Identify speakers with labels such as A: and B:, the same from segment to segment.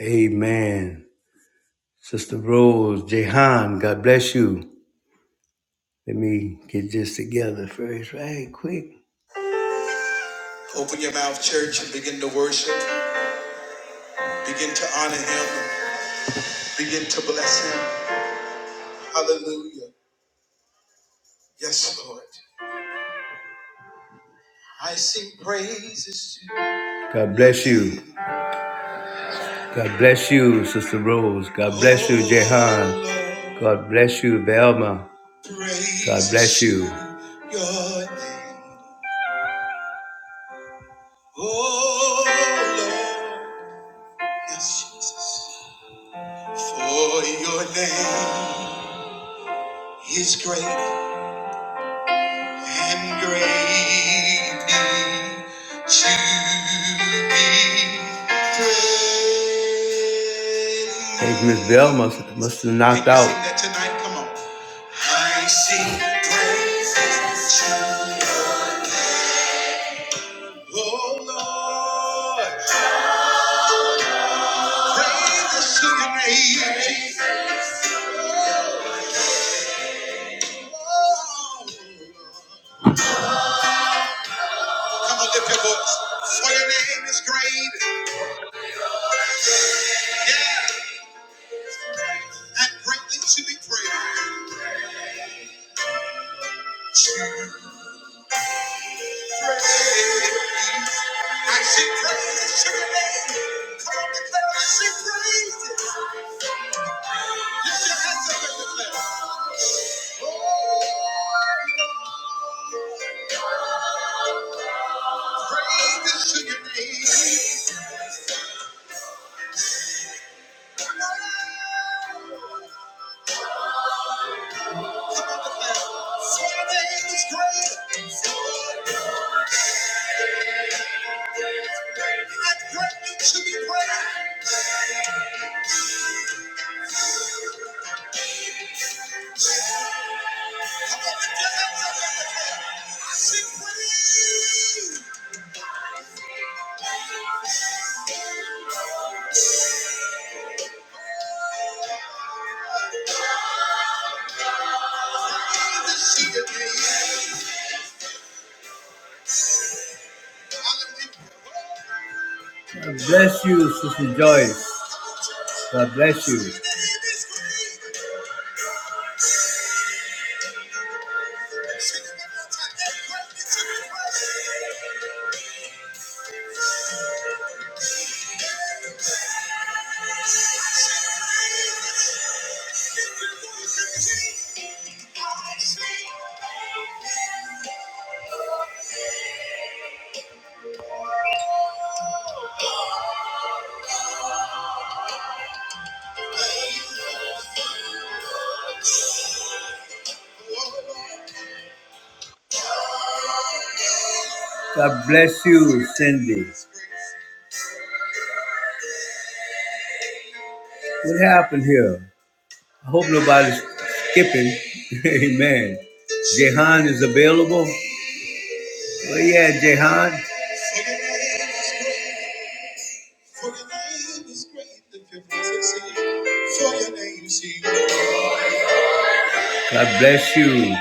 A: Amen. Sister Rose, Jehan, God bless you. Let me get this together first, right quick. Open your mouth, church, and begin to worship. Begin to honor him. Begin to bless him. Hallelujah. Yes, Lord. I sing praises to you. God bless you. God bless you, Sister Rose. God bless you, Jehan. God bless you, Velma. God bless you. Your name. Oh, Lord. Yes, Jesus. For your name is great and greatly to be praised. Hey, Miss Bell must must have knocked Can sing out. that tonight? Come on. I sing praises to your name. Oh Lord, praises to your name. Oh, Come on, lift your voice. For your name is great yeah, and greatly to be praised. Praise. I sing praises to your name. Come on, declare, I sing praises. Lift your hands up and declare. Praises to your name. For your name is great and greatly to be praised. Come on, lift your hands up and declare. I sing praises. God bless you, Sister Joyce. God bless you. God bless you, Cindy. What happened here? I hope nobody's skipping. Amen. Jehan is available. Oh yeah, Jehan. God bless you.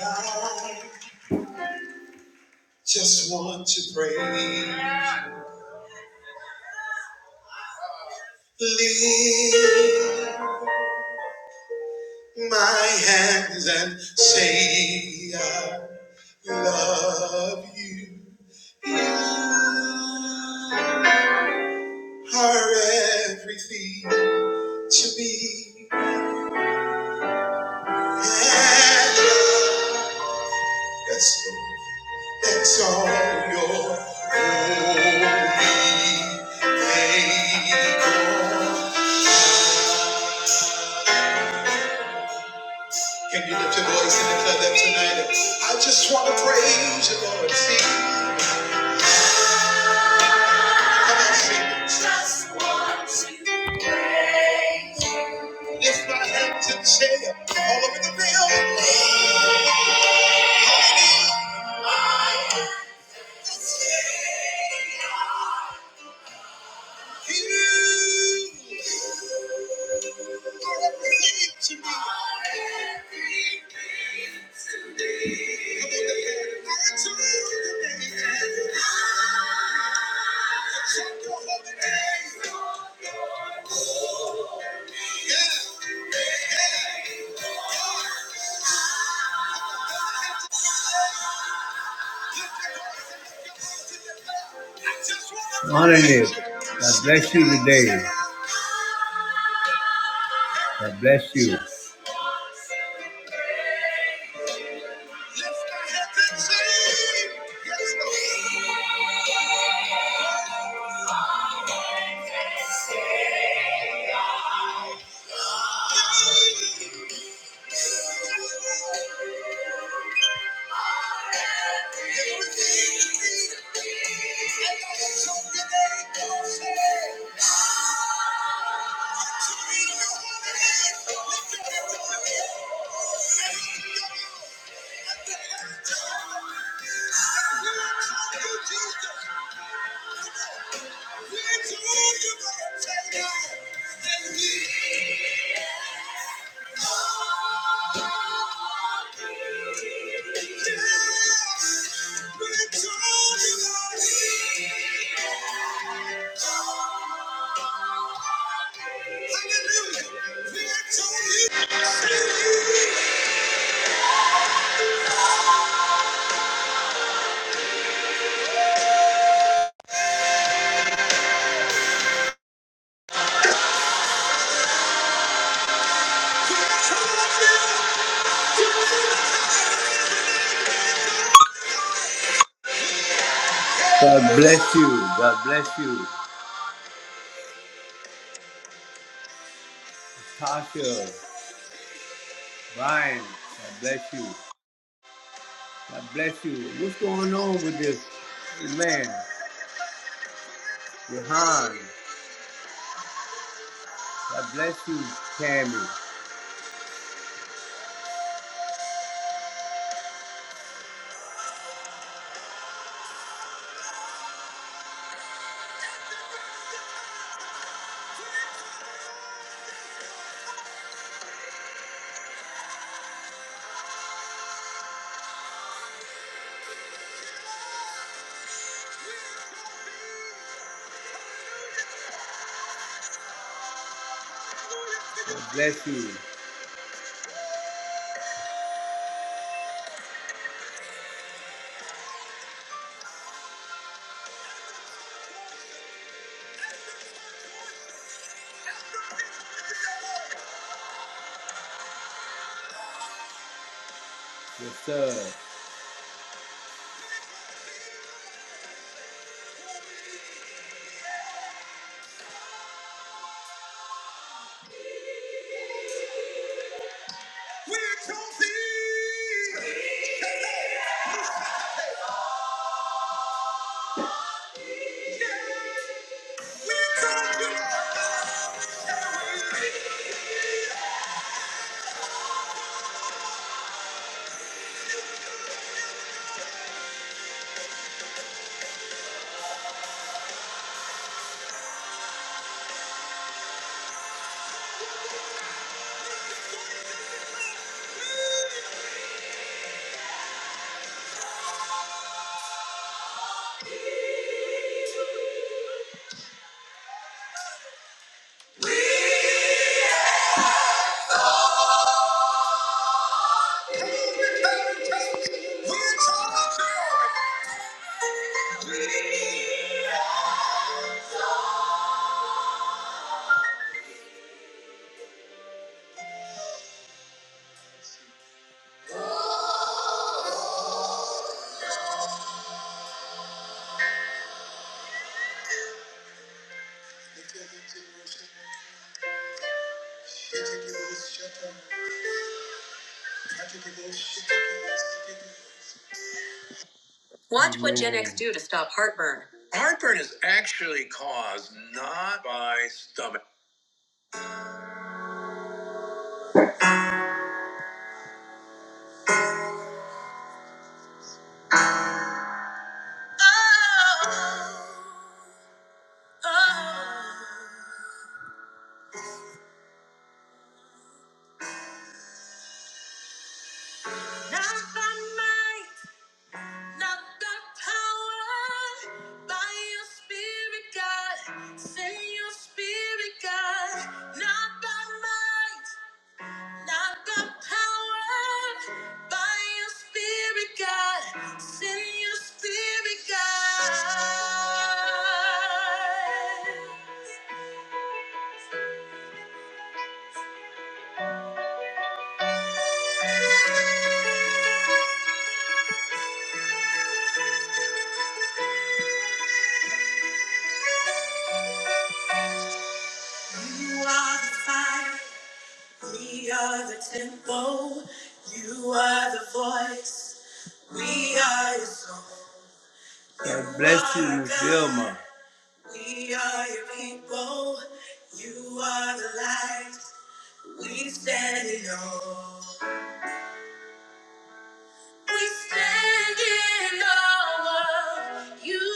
A: I just want to pray. Lift my hands and say I love you. You are everything to me. And I- Yes, Lord. Exalt your holy name. Can you lift your voice and declare that tonight? I just want to praise you, Lord. Sing. Come on, sing. Just want to praise you. Lift my hands and say it all over the building. My hands and say it. Yeah. Honor you. God bless you today. God bless you. Lift thy head and sing. Yes, Lord. Everything you need. Everything you need. We're Thank you. God bless you. God bless you. Tasha, Brian, God bless you. God bless you. What's going on with this man? Johan, God bless you, Tammy. God bless you. Yes, sir. We exalt thee. We exalt you, Lord. We Thank you. Watch what would Gen X do to stop heartburn. Heartburn is actually caused not by stomach. Not by might, not by power, by your spirit, God. Send your spirit, God. Not by might, not by power, by your spirit, God. Send your spirit, God. You are the fire. We are the temple. You are the voice. We are your song. God bless you, Vilma. We are your people. You are the light. We stand in awe. We stand in awe of you.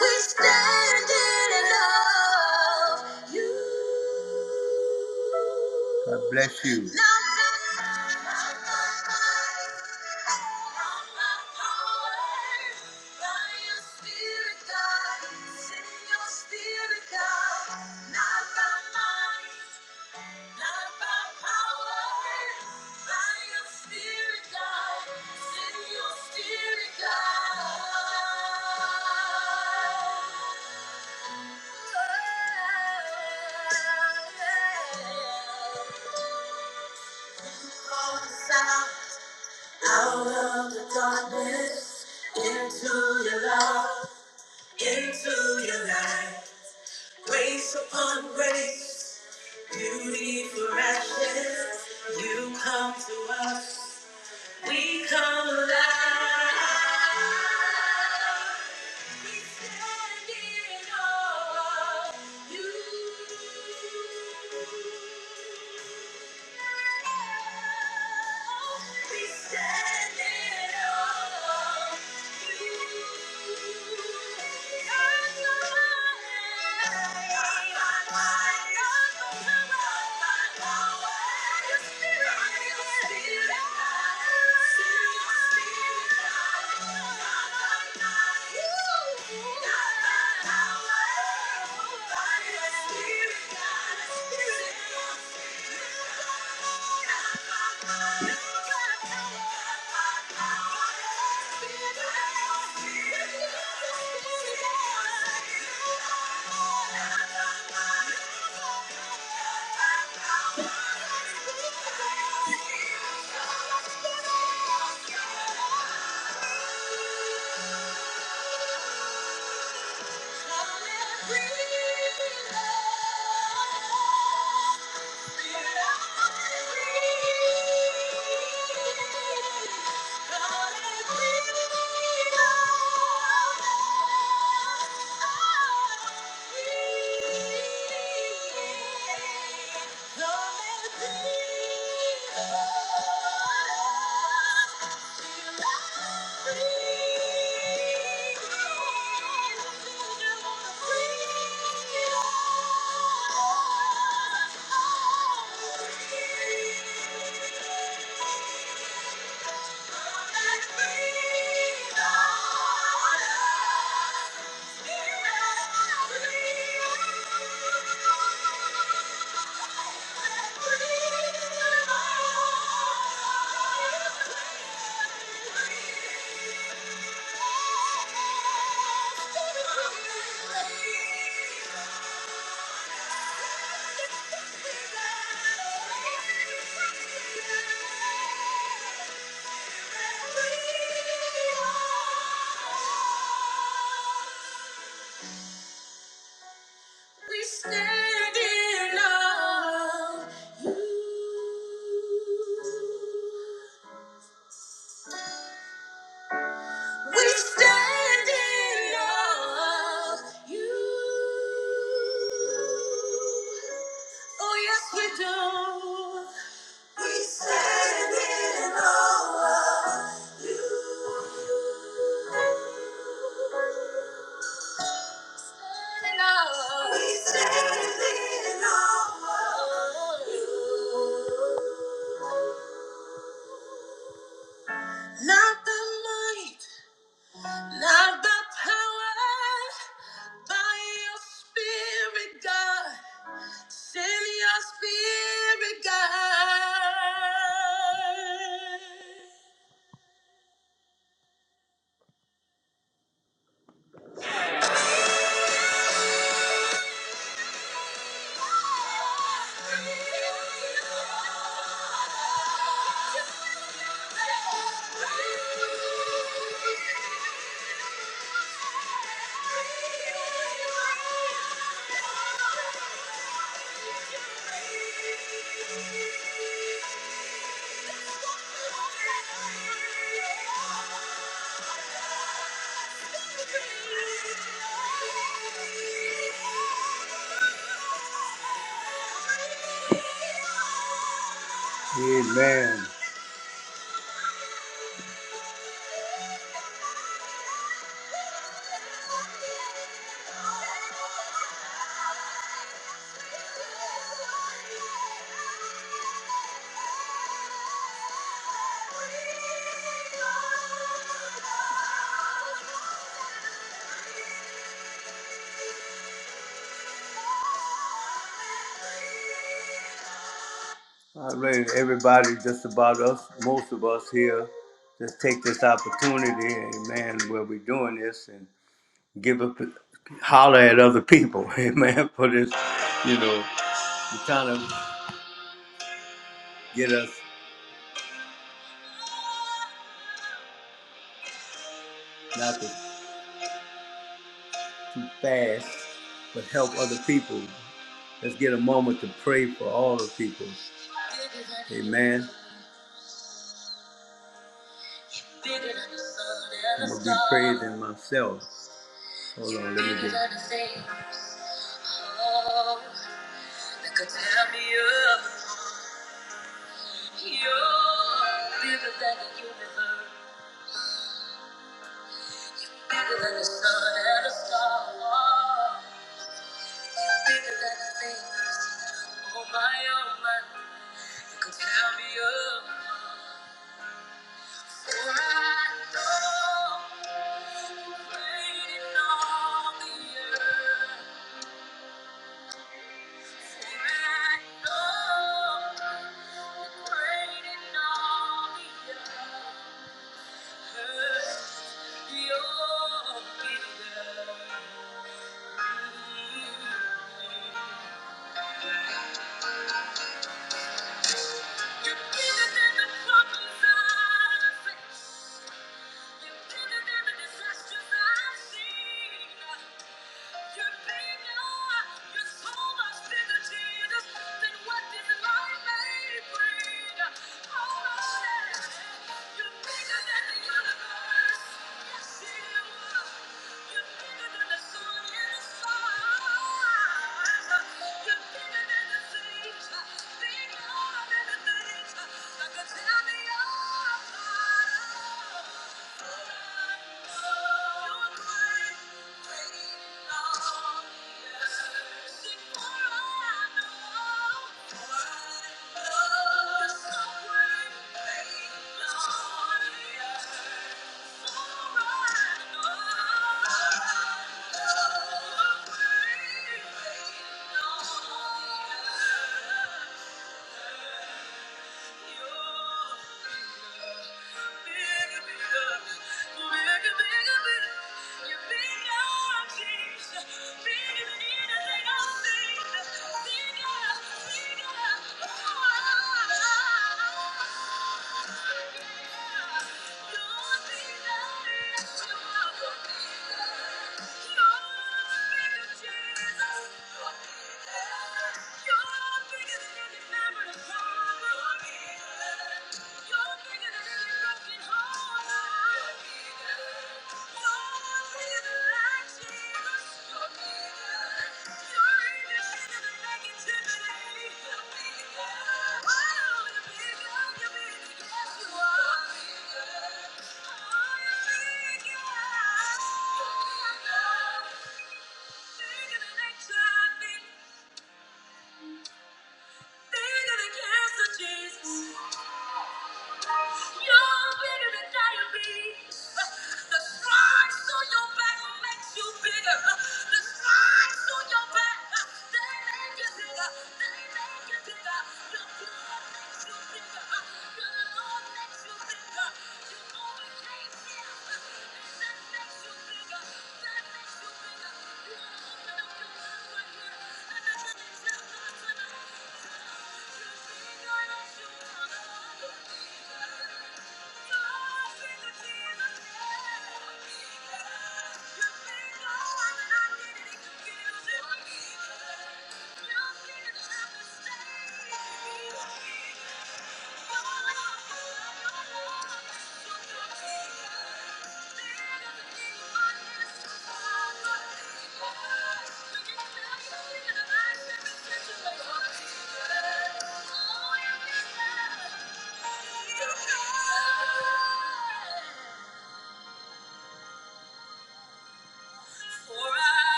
A: We stand in love, you. Yeah. Out of the darkness, into your love, into your light. Grace upon grace, beauty for ashes. You come to us, we come alive. We stand in awe of you. We stand in awe. Spirit, God, Spirit, Thank you breathe. Thank you. Thank you. We stand in awe of you. We stand in awe of you. Oh, yes, we do. We stand in awe of you. In awe. We stand. Not the might. Not the power by your spirit, God. Send your spirit, God. Amen. All right, everybody, just about us, most of us here, just take this opportunity, amen, where we're doing this and give a holler at other people, amen, for this, you know, to kind of get us not to too fast, but help other people. Let's get a moment to pray for all the people. Amen. I'm gonna be praising myself. Hold on, let me get. Bigger Oh oh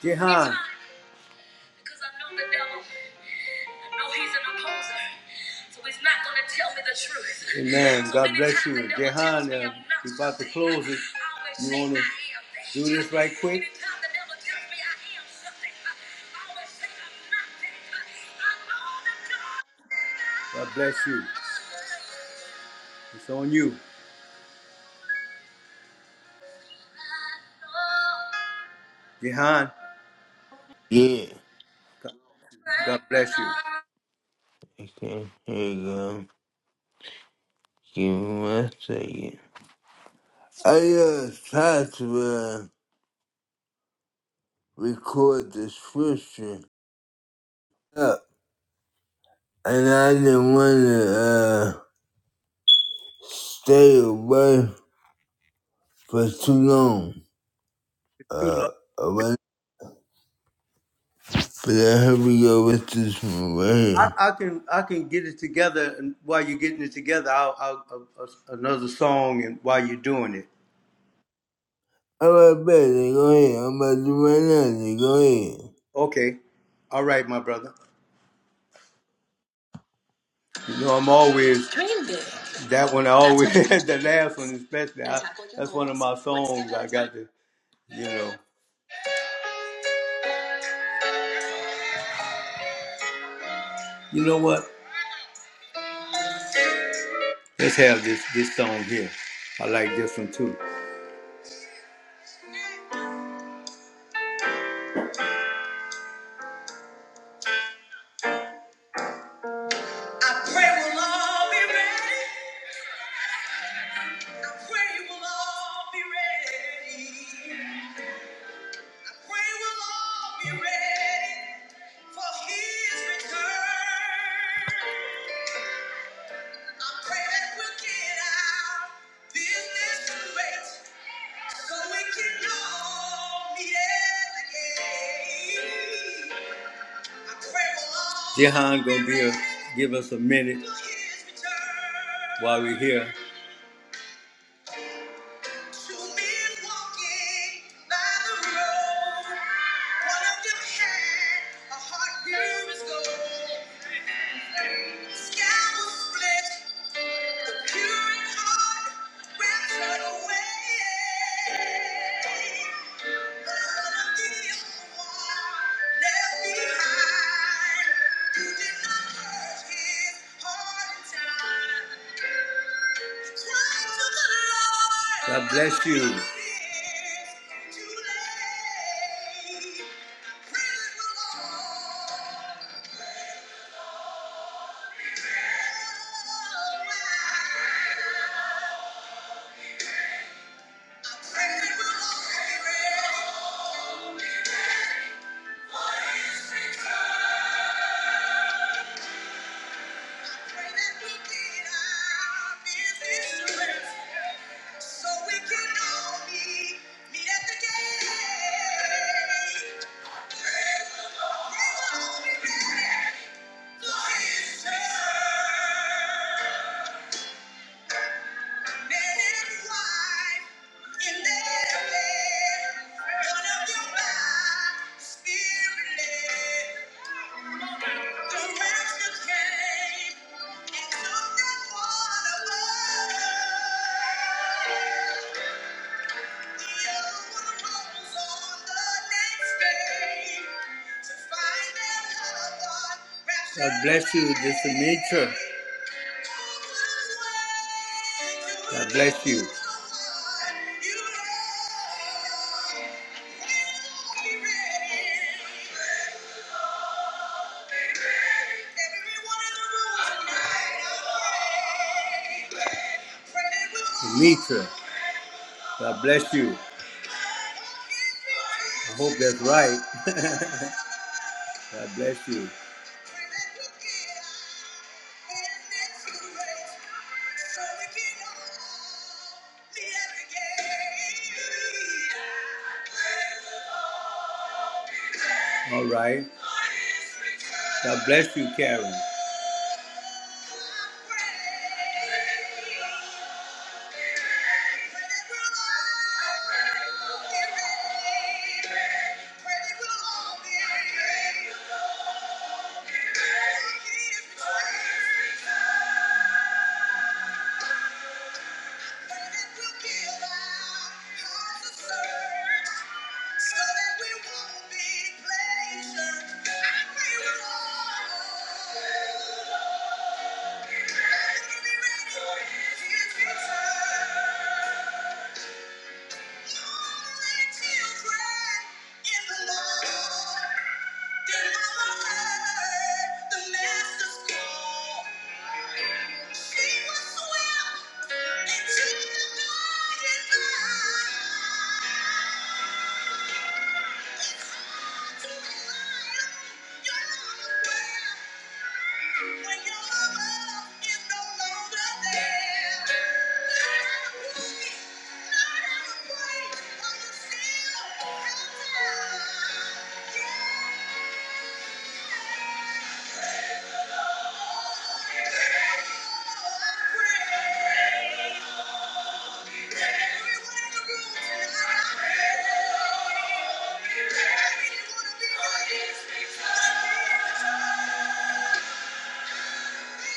A: Jehan, God bless you. It's on you, Jehan. God
B: Yeah.
A: bless
B: Okay, here you go. Give me one second. I just tried to uh, record the scripture up, and I didn't want to uh, stay away for too long.
A: you,
B: Uh, away. But I hope we go with this one right here.
A: I, I can I can get it together, and while you're getting it together, I'll, I'll, I'll another song, and while you're doing it,
B: All right, baby, go ahead. I'm about to run out. then Go ahead.
A: okay. All right, my brother. You know I'm always that one. I always the last one, especially. I, that's one of my songs. I got to, you know. You know what? Let's have this this song here. I like this one too. I pray we'll all be ready. I pray you will all be ready. I pray we'll all be ready for his return. I pray that we'll get our business straight so we can all meet again. Jehan gonna be a, give us a minute while we're here. God bless you. Spirit led. God bless you, this is nature. God bless you. Tanika, God bless you. I hope that's right. God bless you. All right. God bless you, Karen. Thank you. It's hard to rely on Thank you. When your love is no longer there, not out of pity, not out of praise, are you still alive? Yeah. I pray. Everyone in the room tonight, I pray. I really wanna be right here. Thank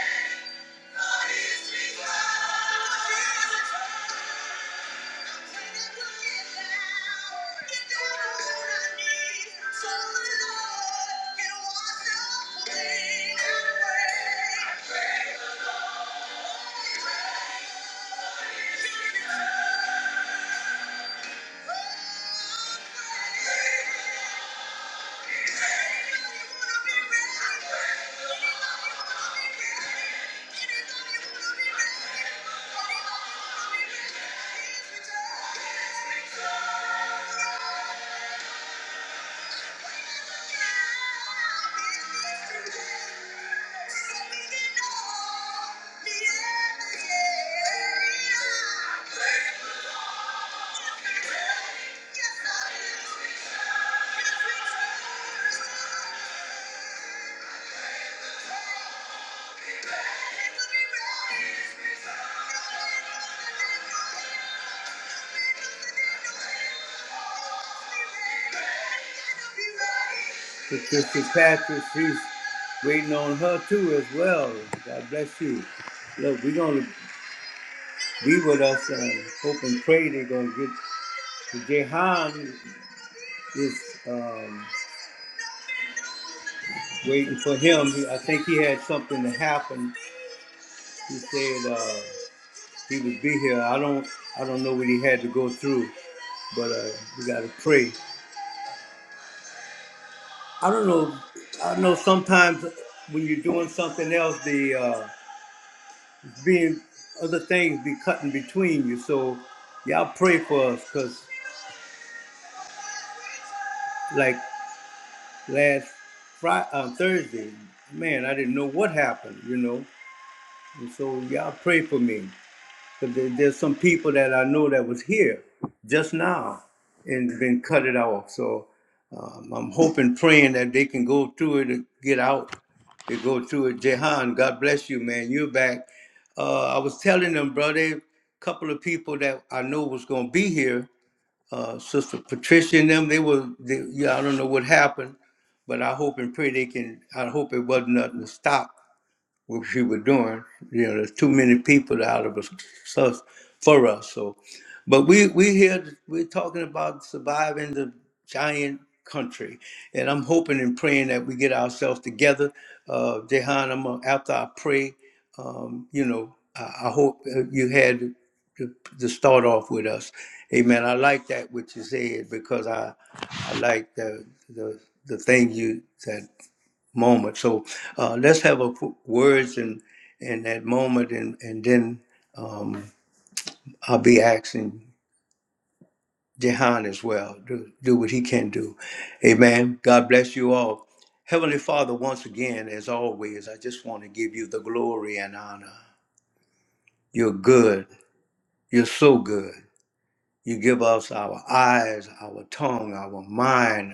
A: you. Thank you. Sister Patrick, she's waiting on her too as well. God bless you. Look, we're gonna be with us and hope and pray they're going to get Jehan is um, waiting for him. He- I think he had something to happen. He said uh, he would be here. I don't I don't know what he had to go through, but uh, we got to pray. I don't know. I know sometimes when you're doing something else, the uh, being other things be cutting between you. So y'all pray for us because like last Friday, uh, Thursday. Man, I didn't know what happened, you know. And so y'all pray for me. Because there, there's some people that I know that was here just now and been cut it off. So um, I'm hoping, praying that they can go through it and get out. They go through it. Jehan, God bless you, man. You're back. Uh, I was telling them, brother, a couple of people that I know was going to be here uh, Sister Patricia and them. They were, they, yeah, I don't know what happened, but I hope and pray they can. I hope it wasn't nothing to stop what she was doing. You know, there's too many people out of us so, for us. So, but we we here we're talking about surviving the giant country, and I'm hoping and praying that we get ourselves together. Uh, Jehan, I'm gonna, after I pray, um, you know, I, I hope uh, you had to, to start off with us. Amen. I like that what you said because I I like the the the thing you said moment. So uh, let's have a qu- words in in that moment, and and then um, I'll be asking Jehan as well to do what he can do. Amen. God bless you all. Heavenly Father, once again, as always, I just want to give you the glory and honor. You're good. You're so good. You give us our eyes, our tongue, our mind,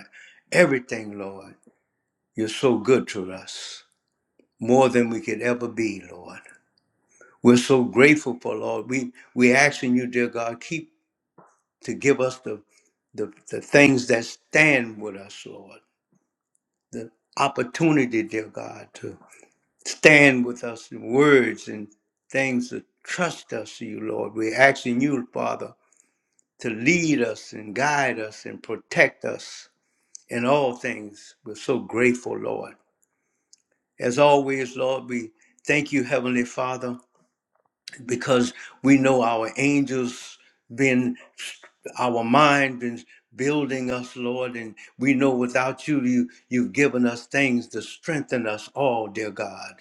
A: everything, Lord. You're so good to us, more than we could ever be, Lord. We're so grateful for Lord. We we asking you, dear God, keep to give us the the, the things that stand with us, Lord. The opportunity, dear God, to stand with us in words and things to trust us to you, Lord. We're asking you, Father, to lead us and guide us and protect us in all things. We're so grateful, Lord. As always, Lord, we thank you, Heavenly Father because we know our angels been our mind been building us lord and we know without you, you you've given us things to strengthen us all dear god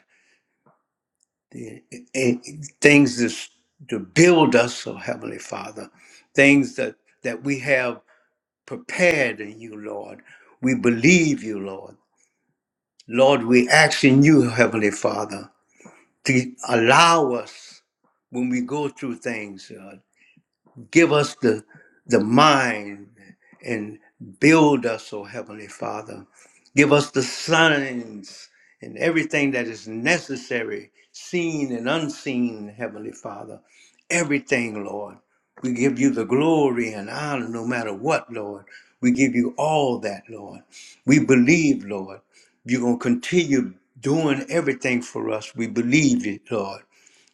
A: the, eh, eh, things to, s- to build us oh heavenly father things that that we have prepared in you lord we believe you lord lord we ask in you heavenly father to allow us when we go through things. Give us the, the mind and build us, O Heavenly Father. Give us the signs and everything that is necessary, seen and unseen, Heavenly Father. Everything, Lord. We give you the glory and honor no matter what, Lord. We give you all that, Lord. We believe, Lord. You're going to continue doing everything for us. We believe it, Lord,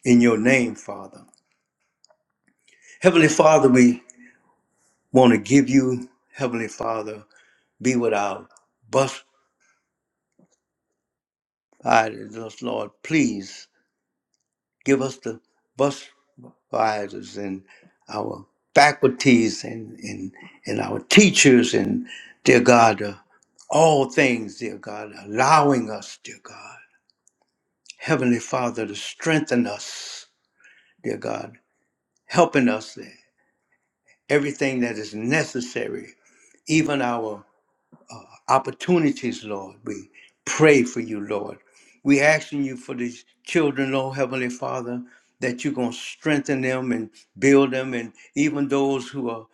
A: in your name, Father. Heavenly Father, we want to give you, Heavenly Father, be with our bus riders, Lord. Please give us the bus riders and our faculties and, and, and our teachers and, dear God, uh, all things, dear God, allowing us, dear God, Heavenly Father, to strengthen us, dear God, helping us everything that is necessary, even our opportunities, Lord. We pray for you, Lord. We asking you for these children, Lord Heavenly Father, that you're going to strengthen them and build them, and even those who are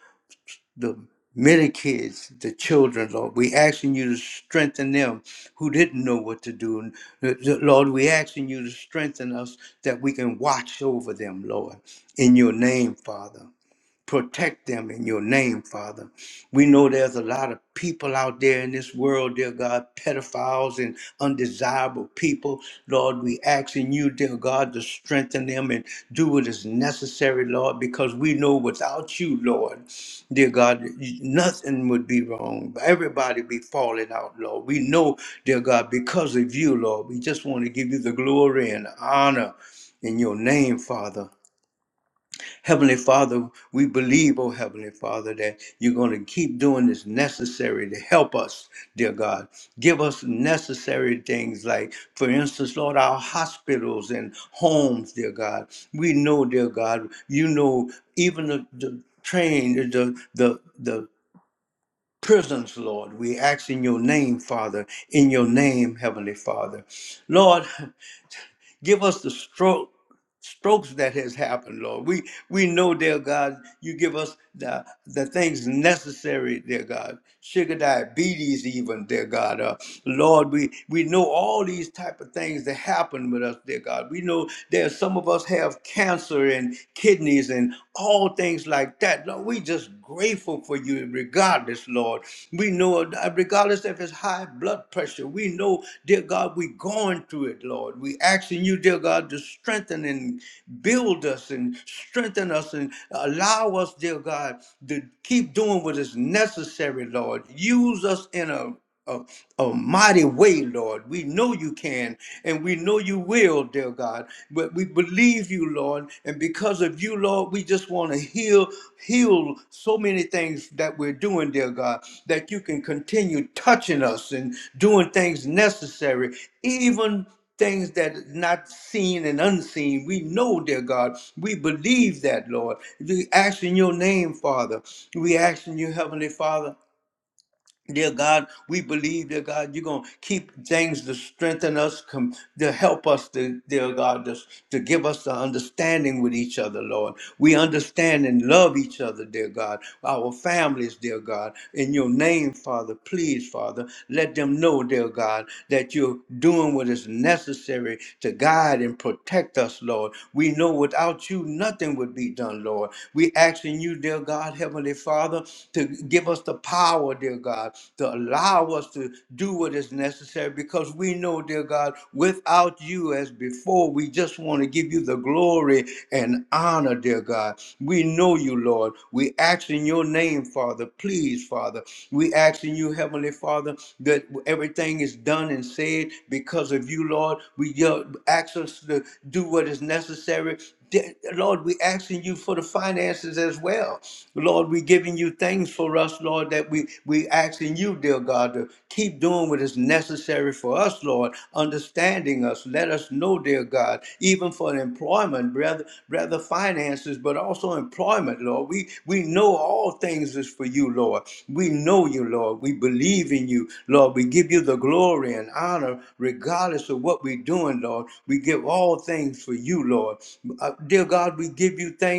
A: the many kids, the children, Lord. We asking you to strengthen them who didn't know what to do. And, uh, Lord, we asking you to strengthen us that we can watch over them, Lord, in your name, Father protect them in your name, Father. We know there's a lot of people out there in this world, dear God, pedophiles and undesirable people. Lord, we asking you, dear God, to strengthen them and do what is necessary, Lord, because we know without you, Lord, dear God, nothing would be wrong. Everybody be falling out, Lord. We know, dear God, because of you, Lord, we just want to give you the glory and honor in your name, Father. Heavenly Father, we believe, oh Heavenly Father, that you're going to keep doing this necessary to help us, dear God. Give us necessary things like, for instance, Lord, our hospitals and homes, dear God. We know, dear God, you know, even the, the train, the, the, the prisons, Lord. We ask in your name, Father, in your name, Heavenly Father. Lord, Give us the stroke strokes that has happened, Lord. We we know, dear God, you give us the the things necessary, dear God. Sugar diabetes, even, dear God. Uh, Lord, we we know all these type of things that happen with us, dear God. We know there's some of us have cancer and kidneys and all things like that. Lord, we just grateful for you regardless, Lord. We know, uh, regardless if it's high blood pressure, we know, dear God, we're going through it, Lord. We asking you, dear God, to strengthen and build us and strengthen us and allow us, dear God, to keep doing what is necessary, Lord. Use us in a a, a mighty way, Lord. We know you can and we know you will, dear God. But we believe you, Lord. And because of you, Lord, we just want to heal, heal so many things that we're doing, dear God, that you can continue touching us and doing things necessary, even things that is not seen and unseen. We know, dear God, we believe that, Lord. We ask in your name, Father. We ask in you, Heavenly Father Dear God, we believe, dear God, you're going to keep things to strengthen us, com- to help us, to, dear God, to, to give us the understanding with each other, Lord. We understand and love each other, dear God, our families, dear God. In your name, Father, please, Father, let them know, dear God, that you're doing what is necessary to guide and protect us, Lord. We know without you, nothing would be done, Lord. We asking you, dear God, Heavenly Father, to give us the power, dear God, to allow us to do what is necessary because we know, dear God, without you as before, we just want to give you the glory and honor, dear God. We know you, Lord. We ask in your name, Father. Please, Father. We ask in you, Heavenly Father, that everything is done and said because of you, Lord. We uh, ask us to do what is necessary Dear Lord, we asking you for the finances as well. Lord, we giving you things for us, Lord, that we we asking you, dear God, to keep doing what is necessary for us, Lord, understanding us. Let us know, dear God, even for employment, brother, brother finances, but also employment, Lord. We we know all things is for you, Lord. We know you, Lord. We believe in you, Lord. We give you the glory and honor, regardless of what we're doing, Lord. We give all things for you, Lord. Uh, dear God, we give you thanks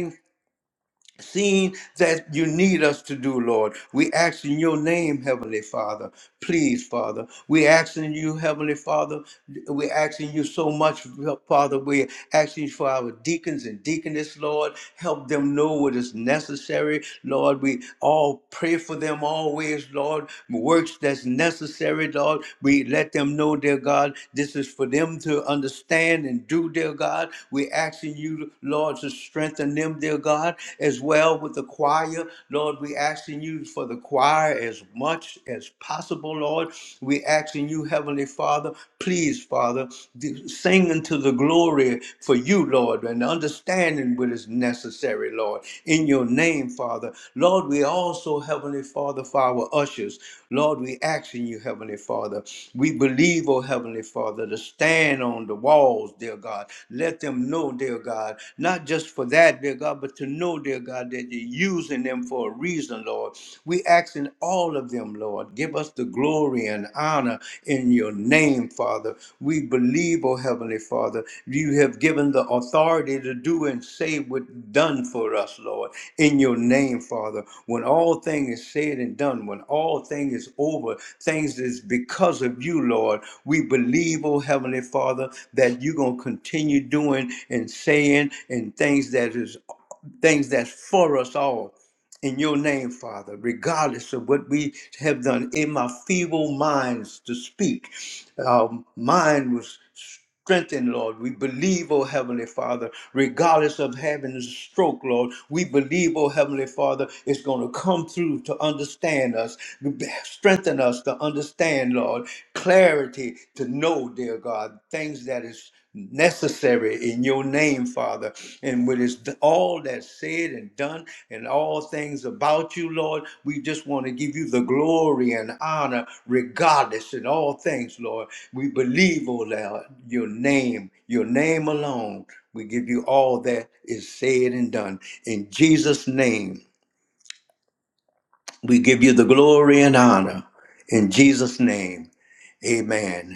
A: Seeing that you need us to do, Lord. We ask in your name, Heavenly Father. Please, Father. We asking you, Heavenly Father. We asking you so much, Father. We asking for our deacons and deaconess, Lord. Help them know what is necessary, Lord. We all pray for them always, Lord. Works that's necessary, Lord. We let them know, dear God, this is for them to understand and do, dear God. We asking you, Lord, to strengthen them, dear God as well with the choir. Lord, we asking you for the choir as much as possible, Lord. We asking you, Heavenly Father, please, Father, do- sing unto the glory for you, Lord, and understanding what is necessary, Lord, in your name, Father. Lord, we also, Heavenly Father, for our ushers. Lord, we asking you, Heavenly Father, we believe, oh Heavenly Father, to stand on the walls, dear God. Let them know, dear God, not just for that, dear God, but to know, dear God, that you're using them for a reason, Lord. We asking all of them, Lord, give us the glory and honor in your name, Father. We believe, oh Heavenly Father, you have given the authority to do and say what done for us, Lord, in your name, Father. When all things is said and done, when all thing is over, things is because of you, Lord. We believe, oh Heavenly Father, that you're gonna continue doing and saying and things that is things that's for us all in your name, Father, regardless of what we have done in my feeble minds to speak. Our mind was strengthened, Lord. We believe, oh Heavenly Father, regardless of having a stroke, Lord, we believe, oh Heavenly Father, it's going to come through to understand us, strengthen us to understand, Lord, clarity to know, dear God, things that is necessary in your name, Father. And with it's all that's said and done and all things about you, Lord, we just want to give you the glory and honor regardless in all things, Lord. We believe, oh Lord, your name, your name alone. We give you all that is said and done. In Jesus' name, we give you the glory and honor. In Jesus' name, amen.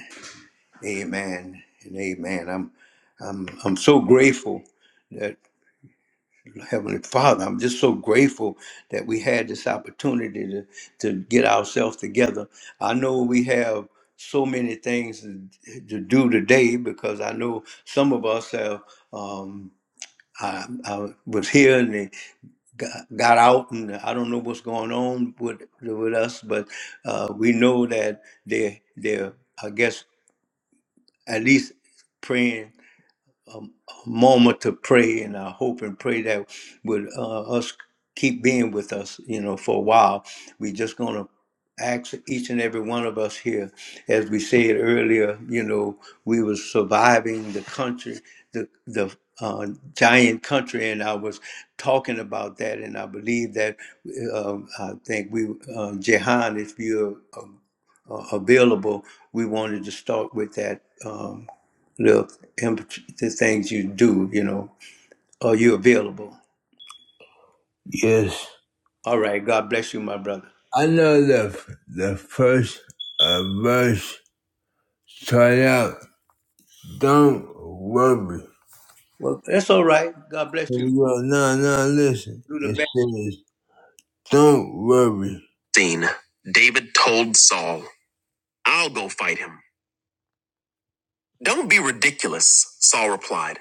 A: Amen and amen. I'm I'm I'm so grateful that Heavenly Father, I'm just so grateful that we had this opportunity to, to get ourselves together. I know we have so many things to, to do today because I know some of us have um I, I was here and they got, got out and I don't know what's going on with with us, but uh, we know that they they're they're, I guess at least praying moment to pray, and I hope and pray that would uh, us keep being with us, you know, for a while. We're just gonna ask each and every one of us here, as we said earlier, you know, we were surviving the country, the the uh, giant country, and I was talking about that, and I believe that uh, I think we, uh, Jehan, if you're uh, available, we wanted to start with that. Um, little imp- the things you do, you know, are you available?
B: Yes.
A: All right. God bless you, my brother.
B: I know the, the first uh, verse start out. Don't worry.
A: Well, that's all right. God bless
B: Here
A: you.
B: we go. Now, now, listen.
A: Do the
B: It
A: best.
B: says, don't worry. Scene. David told Saul, I'll go fight him. Don't be ridiculous, Saul replied.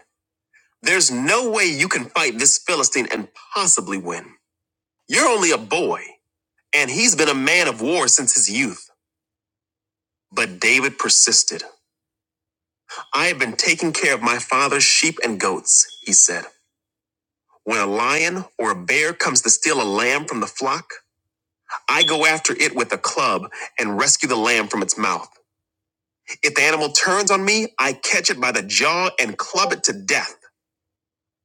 B: There's no way you can fight this Philistine and possibly win. You're only a boy, and he's been a man of war since his youth. But David persisted. I have been taking care of my father's sheep and goats, he said. When a lion or a bear comes to steal a lamb from the flock, I go after it with a club and rescue the lamb from its mouth. If the animal turns on me, I catch it by the jaw and club it to death.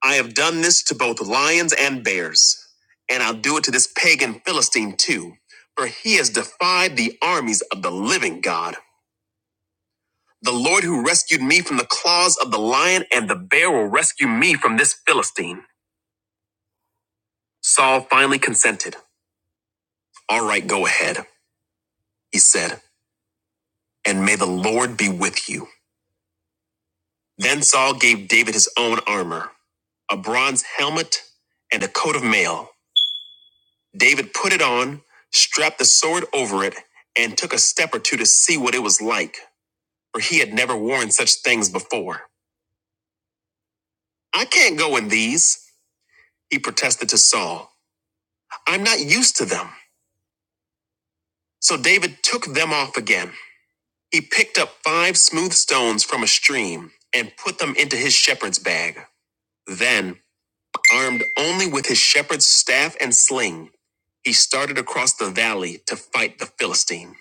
B: I have done this to both lions and bears, and I'll do it to this pagan Philistine too, for he has defied the armies of the living God. The Lord who rescued me from the claws of the lion and the bear will rescue me from this Philistine. Saul finally consented. All right, go ahead, he said, and may the Lord be with you. Then Saul gave David his own armor, a bronze helmet, and a coat of mail. David put it on, strapped the sword over it, and took a step or two to see what it was like, for he had never worn such things before. I can't go in these, he protested to Saul. I'm not used to them. So David took them off again. He picked up five smooth stones from a stream and put them into his shepherd's bag. Then Armed only with his shepherd's staff and sling, he started across the valley to fight the Philistine.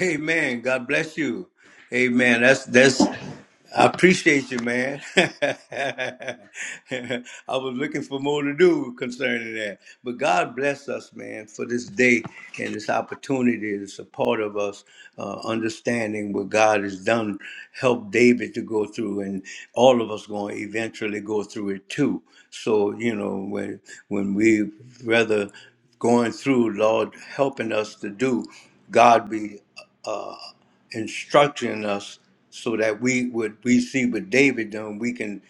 A: Amen. God bless you. Amen. That's that's. I appreciate you, man. I was looking for more to do concerning that, but God bless us, man, for this day and this opportunity to support of us, uh, understanding what God has done, help David to go through, and all of us going to eventually go through it too. So you know when when we rather going through, Lord, helping us to do. God be uh, instructing us so that we would we see what David done, we can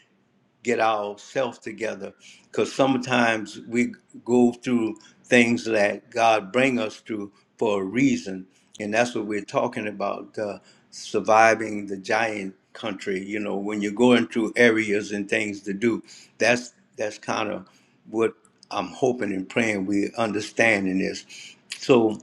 A: get ourselves together. Because sometimes we go through things that God bring us through for a reason, and that's what we're talking about: uh, surviving the giant country. You know, when you're going through areas and things to do, that's that's kind of what I'm hoping and praying we understand in this. So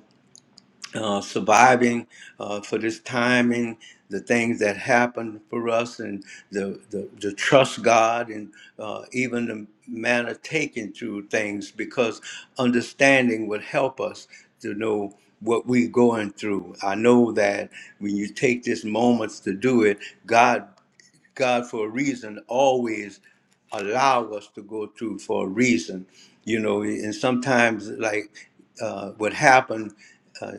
A: uh, surviving uh, for this time and the things that happened for us and the, the, the trust God and uh, even the manner taken through things because understanding would help us to know what we're going through. I know that when you take this moments to do it, God, God for a reason always allow us to go through for a reason, you know, and sometimes like uh, what happened uh,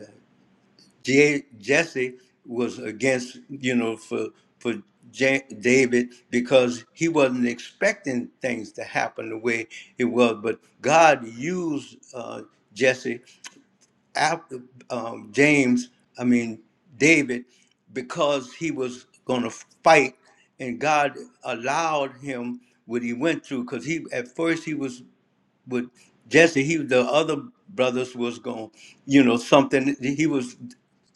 A: J- Jesse was against, you know, for for Ja David because he wasn't expecting things to happen the way it was. But God used uh, Jesse after um, James, I mean David, because he was going to fight, and God allowed him what he went through because he at first he was with Jesse, he the other brothers was going, you know, something he was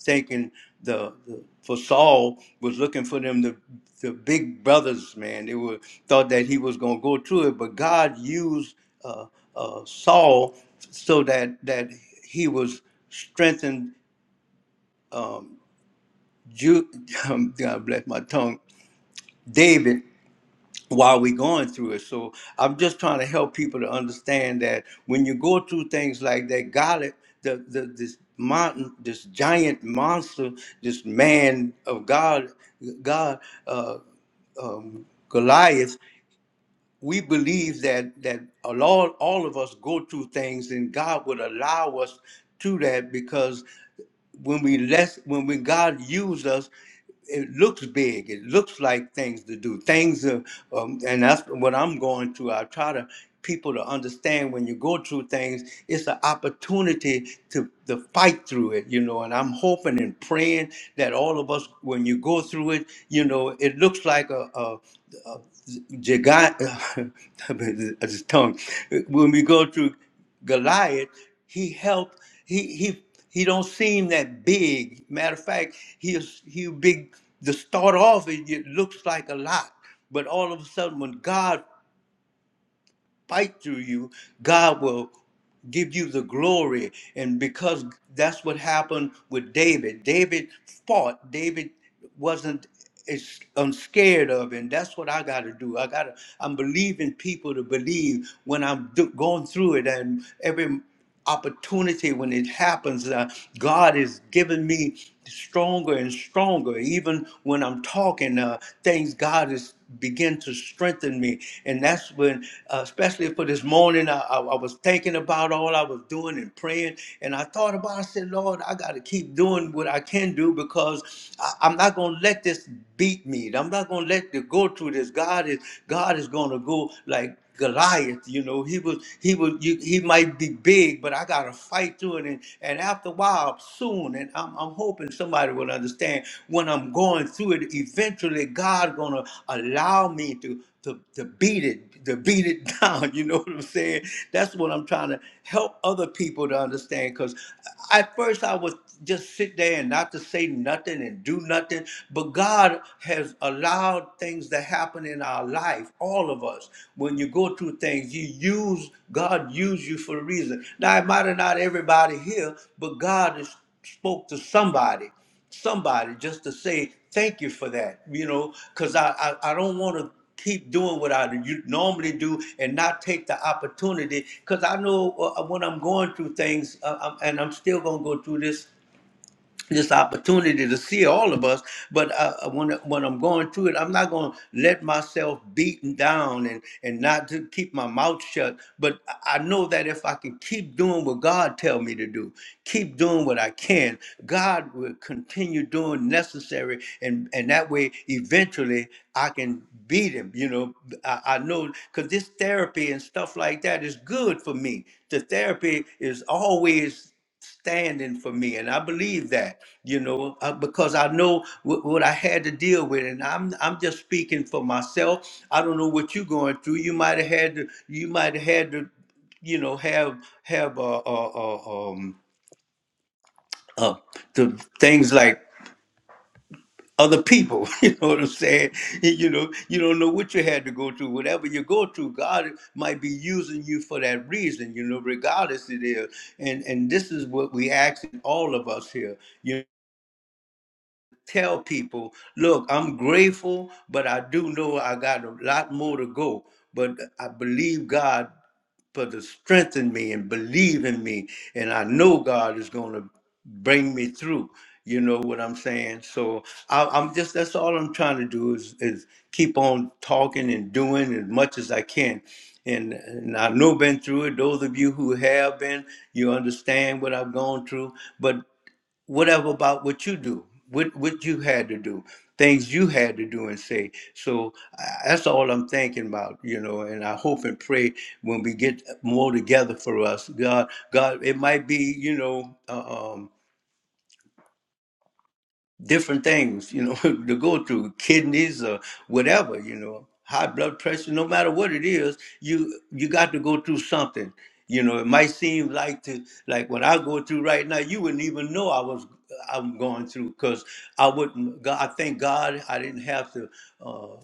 A: thinking the, the for Saul was looking for them the the big brothers, man. They were thought that he was going to go through it, but God used uh, uh, Saul so that that he was strengthened. Ju- God bless my tongue, David. while we're going through it. So I'm just trying to help people to understand that when you go through things like that, God, the, the this mountain, this giant monster, this man of God, God, uh, um, Goliath, we believe that that a lot, all of us go through things, and God would allow us to that because when we less when we God used us, it looks big. It looks like things to do. Things are, um, and that's what I'm going through. I try to people to understand when you go through things, it's an opportunity to to fight through it, you know. And I'm hoping and praying that all of us, when you go through it, you know, it looks like a. a a Gigant, his tongue. When we go through Goliath, he helped. He he he don't seem that big. Matter of fact, he is he big to start off. It, it looks like a lot, but all of a sudden, when God fight through you, God will give you the glory. And because that's what happened with David. David fought. David wasn't it's I'm scared of, and that's what I got to do. I got to. I'm believing people to believe when I'm do, going through it, and every opportunity when it happens. Uh, God is giving me stronger and stronger. Even when I'm talking, uh, things God is begin to strengthen me. And that's when, uh, especially for this morning, I, I, I was thinking about all I was doing and praying. And I thought about, I said, Lord, I got to keep doing what I can do because I, I'm not going to let this beat me. I'm not going to let it go through this. God is, God is going to go like, Goliath, you know, he was he was you, he might be big, but I got to fight through it. And, and after a while, soon, and I'm, I'm hoping somebody will understand when I'm going through it. Eventually, God's gonna allow me to to to beat it, to beat it down. You know what I'm saying? That's what I'm trying to help other people to understand. Because at first I would just sit there and not to say nothing and do nothing, but God has allowed things to happen in our life, all of us. When you go through things, you use God use you for a reason. Now it might have not everybody here, but God has spoke to somebody somebody just to say thank you for that, you know, because I, I, I don't want to keep doing what I u- normally do and not take the opportunity because I know uh, when I'm going through things uh, I'm, and I'm still going to go through this this opportunity to see all of us. But uh, uh, when when I'm going through it, I'm not going to let myself beaten down and and not to keep my mouth shut. But I I know that if I can keep doing what God tell me to do, keep doing what I can, God will continue doing necessary, and and that way eventually I can beat him. You know, I, I know because this therapy and stuff like that is good for me. The therapy is always standing for me and i believe that you know uh, because i know wh- what i had to deal with and i'm i'm just speaking for myself i don't know what you're going through you might have had to you might have had to you know have have uh, uh, uh um uh the things like other people you know what i'm saying you know you don't know what you had to go through whatever you go through god might be using you for that reason you know regardless it is and and this is what we ask all of us here You. tell people, look, I'm grateful, but I do know I got a lot more to go. But I believe God for the strength in me and believe in me. And I know God is going to bring me through. You know what I'm saying? So I, I'm just, that's all I'm trying to do is, is keep on talking and doing as much as I can. And, and I know been through it. Those of you who have been, you understand what I've gone through. But whatever about what you do, what what you had to do, things you had to do and say. So uh, that's all I'm thinking about, you know. And I hope and pray when we get more together for us, God, God, it might be, you know. uh, um, different things, you know, to go through kidneys or whatever, you know, high blood pressure, no matter what it is, you you got to go through something. You know, it might seem like to like what I go through right now, you wouldn't even know I was I'm going through because I wouldn't. God, I thank God I didn't have to. uh,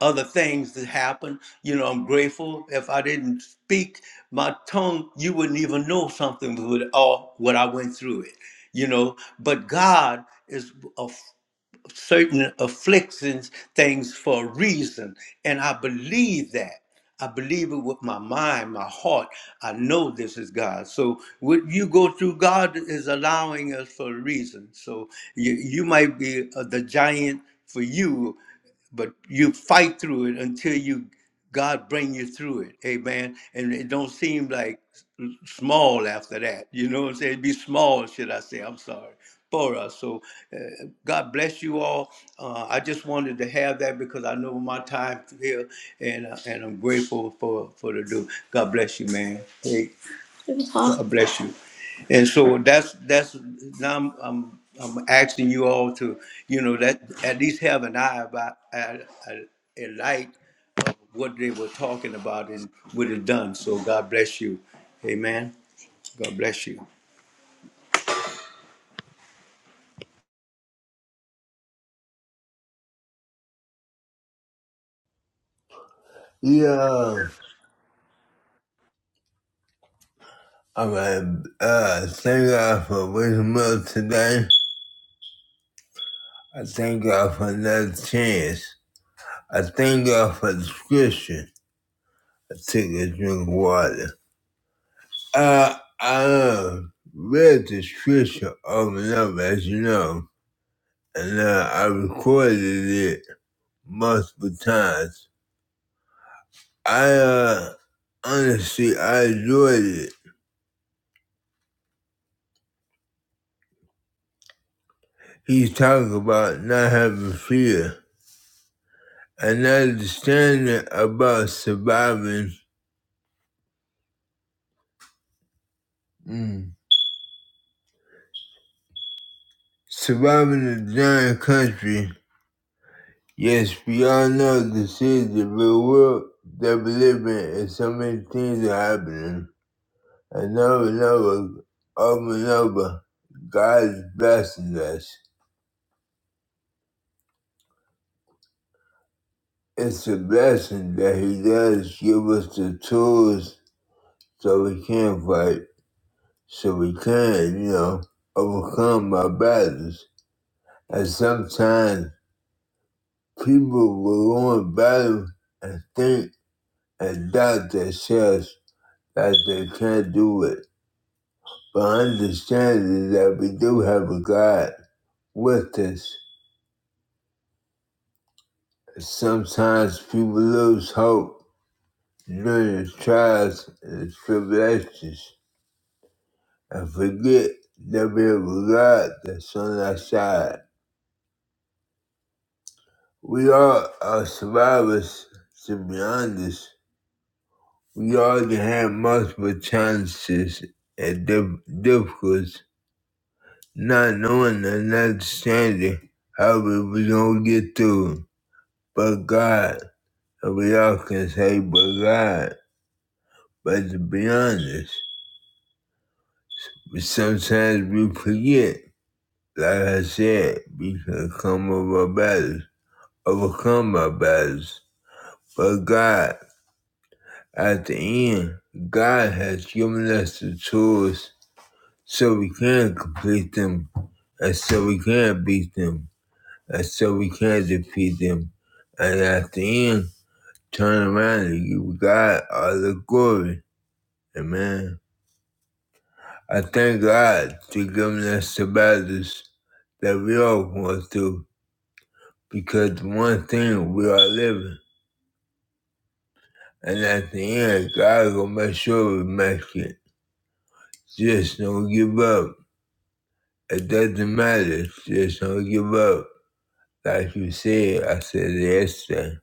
A: other things that happen. You know, I'm grateful. If I didn't speak my tongue, you wouldn't even know something with all what I went through it. You know, but God is of certain afflictions, things for a reason, and I believe that. I believe it with my mind, my heart. I know this is God. So what you go through, God is allowing us for a reason. So you, you might be uh, the giant for you but you fight through it until you God bring you through it. Amen. And it don't seem like small after that. You know what I'm saying? It'd be small, should I say? I'm sorry for us. So uh, God bless you all. Uh, I just wanted to have that because I know my time here, and uh, and I'm grateful for for the do. God bless you, man. Hey. God bless you. And so that's that's now I'm, I'm I'm asking you all to you know that at least have an eye about a, a, a light of what they were talking about and what it done. So God bless you, Amen. God bless you.
B: Yeah, i uh, thank God for waking me up today. I thank God for another chance. I thank God for the scripture. I take a drink of water. Uh, I uh, read the scripture over and over, as you know, and uh, I recorded it multiple times. I uh, honestly, I enjoyed it. He's talking about not having fear and understanding about surviving. Mm. Surviving a giant country. Yes, we all know this is the real world that we live in, and so many things are happening. And over and over, over and over, God is blessing us. It's a blessing that He does give us the tools so we can fight. so we can, you know, overcome our battles. And sometimes people will go in battle and think and doubt themselves that they can't do it. But understanding that we do have a God with us. Sometimes people lose hope during the trials and the tribulations and forget that we have a God that's on our side. We all are survivors, to be honest. We all can have multiple chances and dif- difficulties, not knowing and not understanding how we was gonna get through. 'em. But God, and we all can say, but God. But to be honest, we sometimes we forget. Like I said, we can come over battles, overcome our battles. But God. At the end, God has given us the tools so we can complete them, and so we can beat them, and so we can defeat them, and at the end, turn around and give God all the glory. Amen. I thank God for giving us the battles that we all going through because one thing we are living, and at the end, God will make sure we make it. Just don't give up. It doesn't matter. Just don't give up. Like you said, I said yesterday.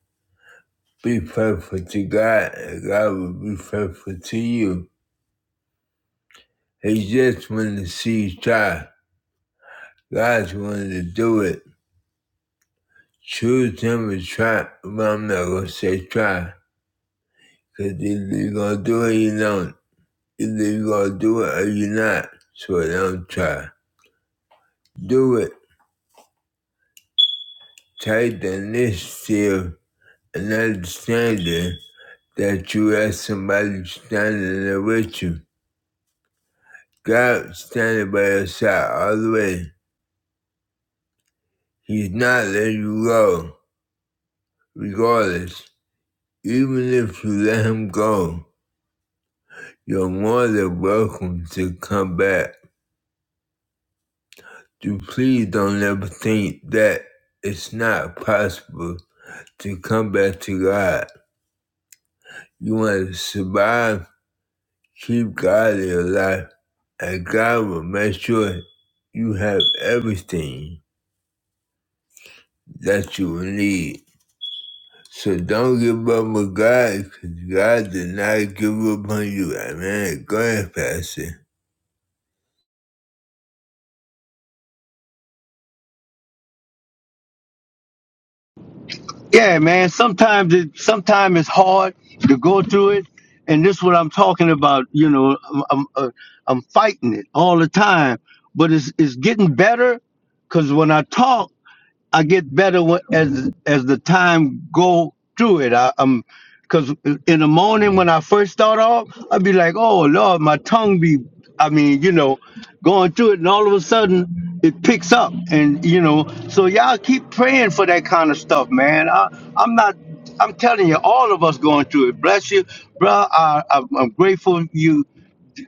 B: Be faithful to God, and God will be faithful to you. He just wanted to see you try. God's wanted to do it. Choose Him and try. But I'm not going to say try. Because either you're going to do it or you don't. Either you're going to do it or you're not. So don't try. Do it. Take the initiative and understand it. that you have somebody standing there with you. God standing by your side all the way. He's not letting you go, regardless. Even if you let him go, you're more than welcome to come back. You please don't ever think that it's not possible to come back to God. You want to survive, keep God in your life, and God will make sure you have everything. that you will need. So don't give up on God because God did not give up on you. Amen. Go ahead, Pastor.
A: Yeah, man. Sometimes it sometimes it's hard to go through it, and this is what I'm talking about. You know, I'm I'm, uh, I'm fighting it all the time, but it's it's getting better. Cause when I talk. I get better wh- as as the time go through it. I, I'm because in the morning when I first start off, I'd be like, "Oh Lord, my tongue be," I mean, you know, going through it, and all of a sudden it picks up, and you know, so y'all keep praying for that kind of stuff, man. I, I'm not. I'm telling you, all of us going through it. Bless you, bro. I, I'm I'm grateful you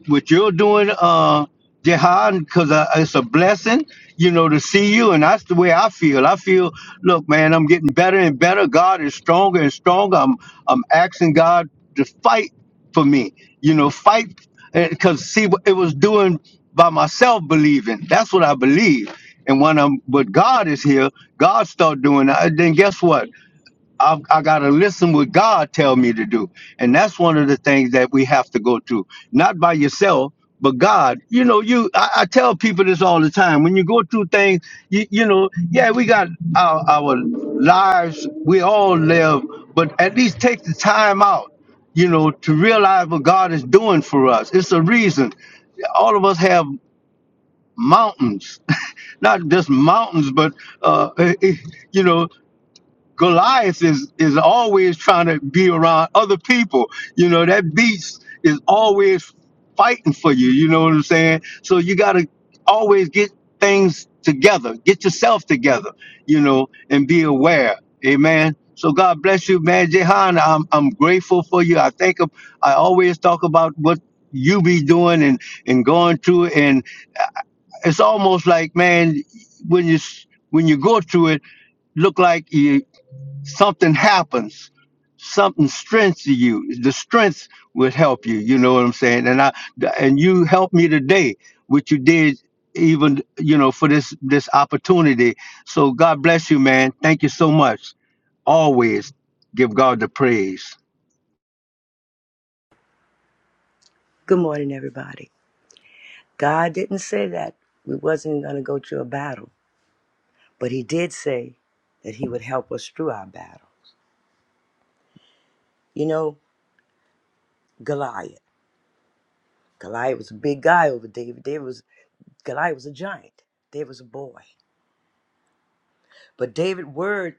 A: what you're doing, uh, Jehan, because it's a blessing, you know, to see you. And that's the way I feel. I feel, look, man, I'm getting better and better. God is stronger and stronger. I'm, I'm asking God to fight for me, you know, fight. Because see, what it was doing by myself believing. That's what I believe. And when I'm, but God is here, God start doing. it. Then guess what? I've, I got to listen what God tell me to do. And that's one of the things that we have to go through, not by yourself, but God. You know, you I, I tell people this all the time. When you go through things, you, you know, yeah, we got our, our lives, we all live, but at least take the time out, you know, to realize what God is doing for us. It's a reason. All of us have mountains, not just mountains, but, uh, eh, eh, you know, Goliath is is always trying to be around other people. You know, that beast is always fighting for you. You know what I'm saying? So you gotta always get things together, get yourself together, you know, and be aware. Amen. So God bless you, man. Jehan, I'm I'm grateful for you. I think of, I always talk about what you be doing and and going through it and it's almost like man when you s- when you go through it look like you something happens something strengths you the strength would help you you know what i'm saying and i and you helped me today which you did even you know for this this opportunity so god bless you man thank you so much always give god the praise
C: Good morning, everybody. God didn't say that we wasn't going to go through a battle, but He did say that He would help us through our battle. You know, Goliath. Goliath was a big guy over David. David was Goliath was a giant. David was a boy, but David's word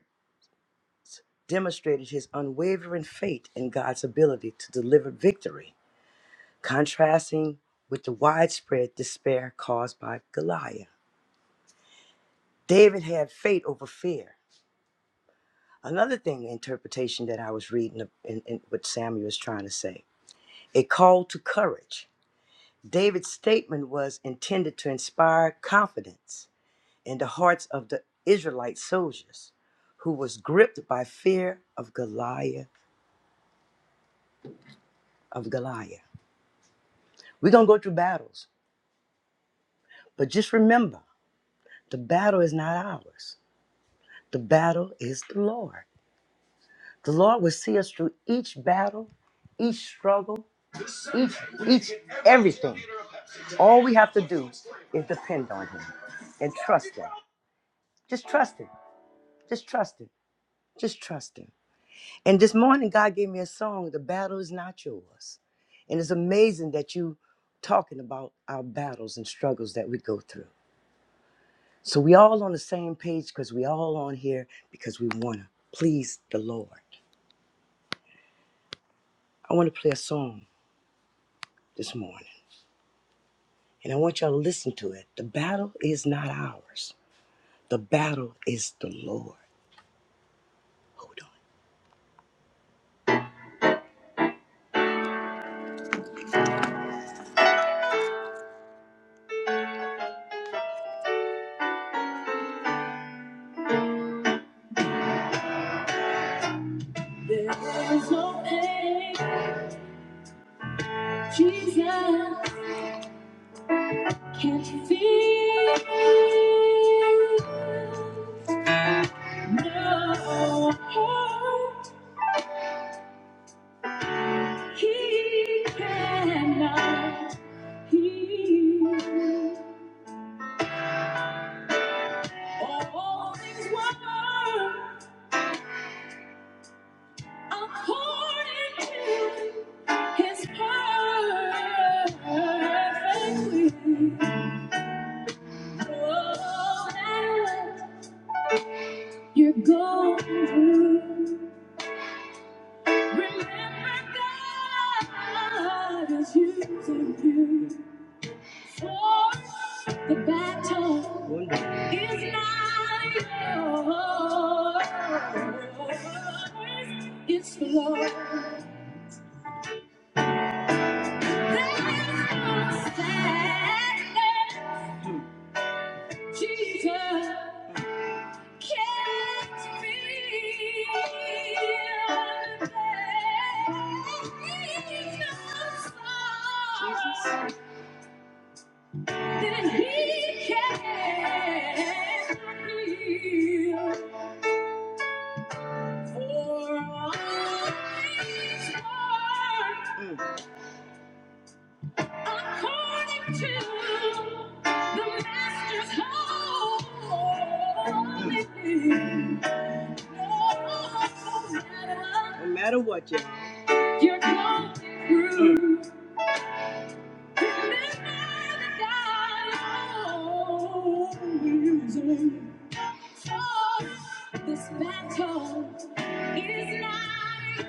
C: demonstrated his unwavering faith in God's ability to deliver victory, contrasting with the widespread despair caused by Goliath. David had faith over fear. Another thing, interpretation that I was reading in, in what Samuel was trying to say, a call to courage. David's statement was intended to inspire confidence in the hearts of the Israelite soldiers, who was gripped by fear of Goliath. Of Goliath, we're gonna go through battles, but just remember, the battle is not ours. The battle is the Lord. The Lord will see us through each battle, each struggle, each each everything. All we have to do is depend on him and trust him. Just trust him. Just trust him. Just trust him. And this morning, God gave me a song, The Battle is Not Yours. And it's amazing that you talking about our battles and struggles that we go through. So we all on the same page because we all on here because we want to please the Lord. I want to play a song this morning and I want y'all to listen to it. The battle is not ours. The battle is the Lord. Hold on. There's no pain Jesus can't feel. No hurt he cannot heal. All things were according to his perfect will. Oh, that you're going through. Remember, God is using you for the battle. Wonderful. is not yours. It's the Lord. There is no sadness, Jesus. Mm. According to the master's holy will. No matter what, you You're going through. Remember that God always wins. For This battle is not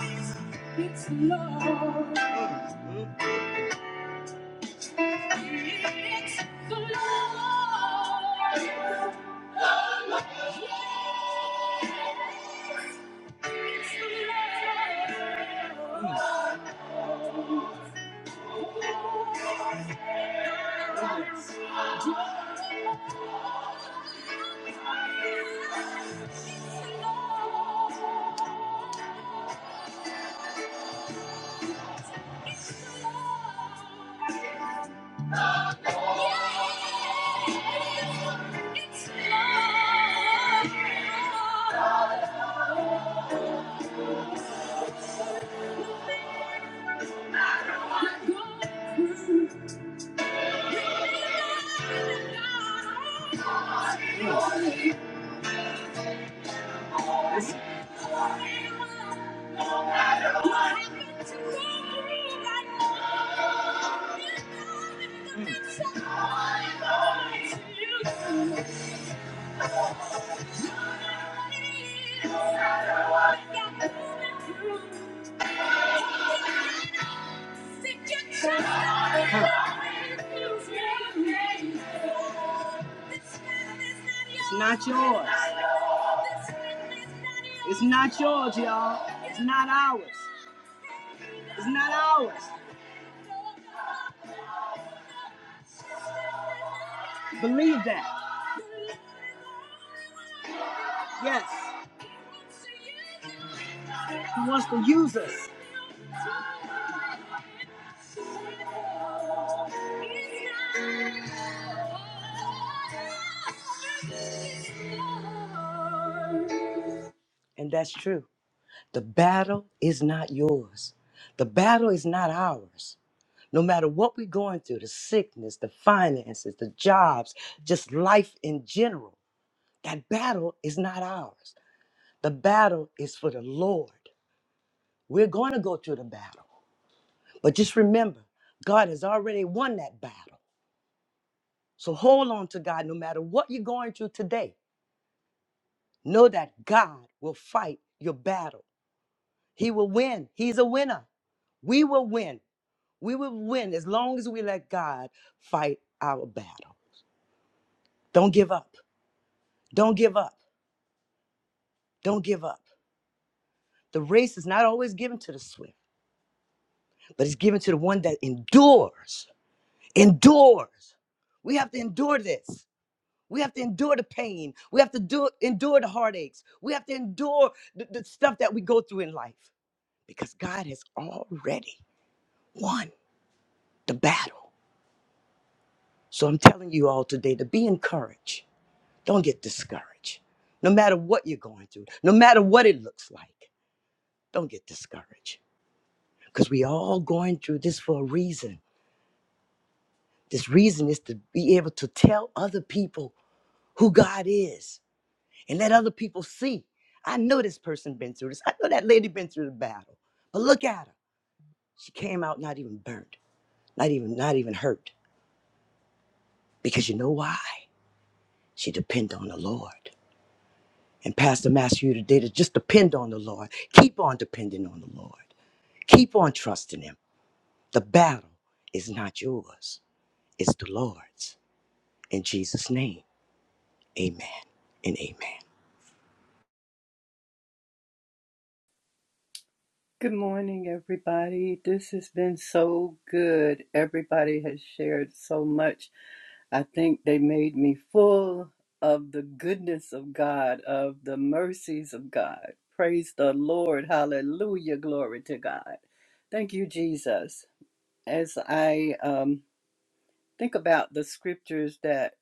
C: yours. It's Lord. It's love. Mm. It's not yours. It's not yours, y'all. It's not ours. It's not ours. Believe that. Yes. He wants to use us. And that's true. The battle is not yours. The battle is not ours. No matter what we're going through the sickness, the finances, the jobs, just life in general that battle is not ours. The battle is for the Lord. We're going to go through the battle. But just remember, God has already won that battle. So hold on to God no matter what you're going through today. Know that God will fight your battle. He will win. He's a winner. We will win. We will win as long as we let God fight our battle. Don't give up. Don't give up. Don't give up. The race is not always given to the swift, but it's given to the one that endures. endures. We have to endure this. We have to endure the pain. We have to do, endure the heartaches. We have to endure the, the stuff that we go through in life because God has already won the battle. So I'm telling you all today to be encouraged. Don't get discouraged. No matter what you're going through, no matter what it looks like, don't get discouraged because we all going through this for a reason. This reason is to be able to tell other people who God is and let other people see. I know this person been through this. I know that lady been through the battle. But look at her. She came out not even burnt, not even not even hurt. Because you know why? She depended on the Lord. And Pastor Master, you today to just depend on the Lord. Keep on depending on the Lord. Keep on trusting Him. The battle is not yours. It's the Lord's. In Jesus' name, amen and amen.
D: Good morning, everybody. This has been so good. Everybody has shared so much. I think they made me full of the goodness of God, of the mercies of God. Praise the Lord. Hallelujah. Glory to God. Thank you, Jesus. As I um, think about the scriptures that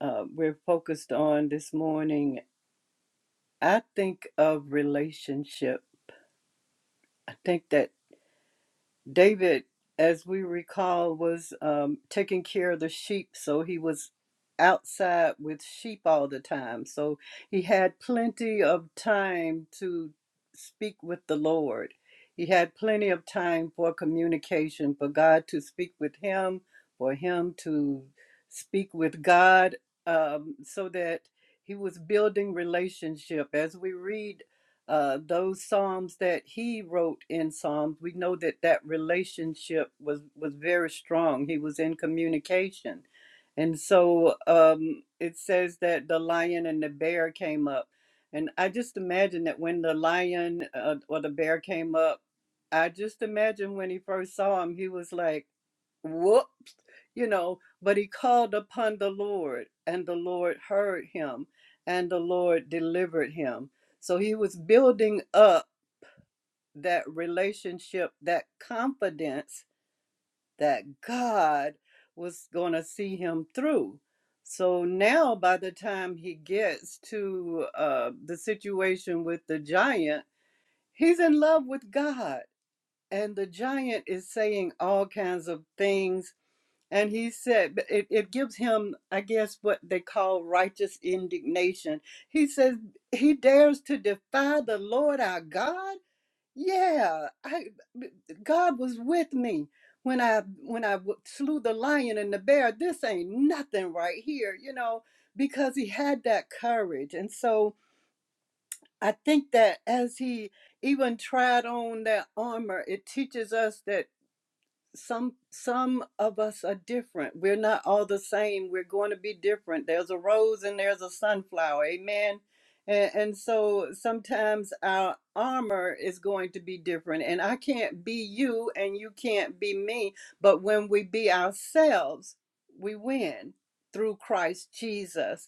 D: uh, we're focused on this morning, I think of relationship. I think that David, as we recall, was um, taking care of the sheep, so he was outside with sheep all the time. So he had plenty of time to speak with the Lord. He had plenty of time for communication, for God to speak with him, for him to speak with God, um, so that he was building relationship. As we read uh, those psalms that he wrote in psalms we know that that relationship was was very strong he was in communication and so um, it says that the lion and the bear came up and i just imagine that when the lion uh, or the bear came up i just imagine when he first saw him he was like whoops, you know, but he called upon the Lord, and the Lord heard him, and the Lord delivered him. So he was building up that relationship, that confidence that God was going to see him through. So now, by the time he gets to uh, the situation with the giant, he's in love with God. And the giant is saying all kinds of things and he said but it, it gives him, I guess, what they call righteous indignation. He says he dares to defy the Lord our God. Yeah, I, God was with me when I when I w- slew the lion and the bear. This ain't nothing right here, you know, because he had that courage. And so I think that as he even tried on that armor, it teaches us that some some of us are different. We're not all the same. We're going to be different. There's a rose and there's a sunflower. Amen. And, and so sometimes our armor is going to be different. And I can't be you and you can't be me. But when we be ourselves, we win through Christ Jesus.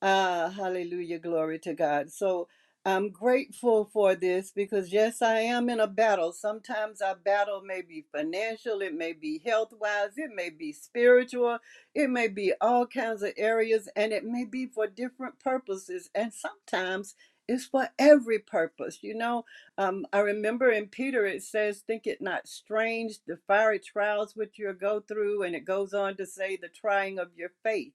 D: Ah, hallelujah, glory to God. So I'm grateful for this because, yes, I am in a battle. Sometimes our battle may be financial, it may be health wise, it may be spiritual, it may be all kinds of areas, and it may be for different purposes. And sometimes it's for every purpose. You know, um, I remember in Peter it says, Think it not strange, the fiery trials which you go through, and it goes on to say, the trying of your faith.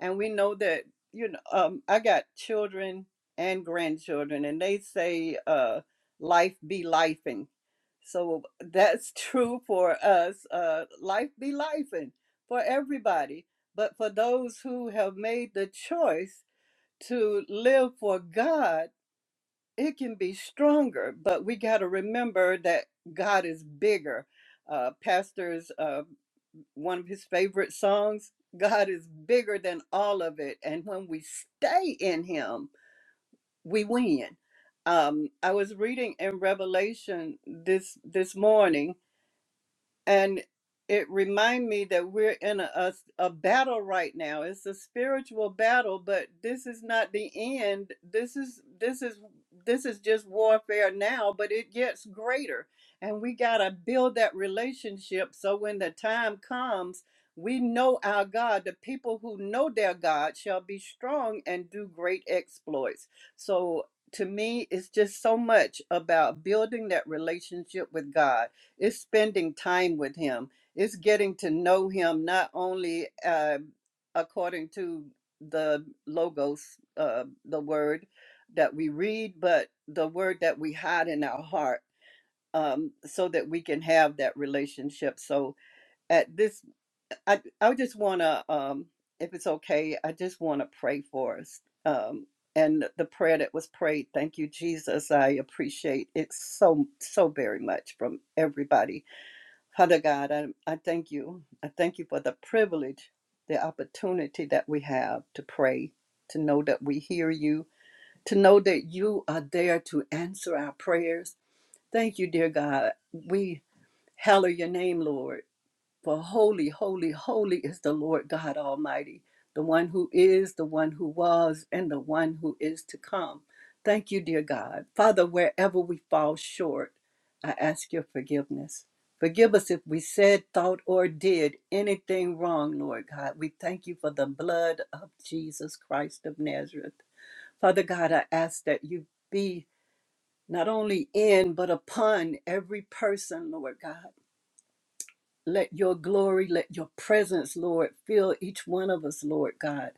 D: And we know that you know, um, I got children and grandchildren, and they say, uh, life be lifing. So that's true for us. Uh, life be lifing for everybody. But for those who have made the choice to live for God, it can be stronger. But we got to remember that God is bigger. Uh, pastors Uh one of his favorite songs. God is bigger than all of it. And when we stay in him, we win. Um, I was reading in Revelation this this morning and it remind me that we're in a, a, a battle right now it's a spiritual battle but this is not the end this is this is this is just warfare now but it gets greater and we got to build that relationship so when the time comes we know our god the people who know their god shall be strong and do great exploits so to me it's just so much about building that relationship with god it's spending time with him. It's getting to know him not only uh, according to the logos, uh, the word that we read, but the word that we hide in our heart um, so that we can have that relationship. So at this, I, I just want to, um, if it's okay, I just want to pray for us. Um, and the prayer that was prayed, thank you, Jesus. I appreciate it so, so very much from everybody Father God, I, I thank you. I thank you for the privilege, the opportunity that we have to pray, to know that we hear you, to know that you are there to answer our prayers. Thank you, dear God. We hallow your name, Lord. For holy, holy, holy is the Lord God Almighty, the one who is, the one who was, and the one who is to come. Thank you, dear God. Father, wherever we fall short, I ask your forgiveness. Forgive us if we said, thought, or did anything wrong, Lord God. We thank you for the blood of Jesus Christ of Nazareth. Father God, I ask that you be not only in, but upon every person, Lord God let your glory, let your presence, Lord, fill each one of us, Lord God.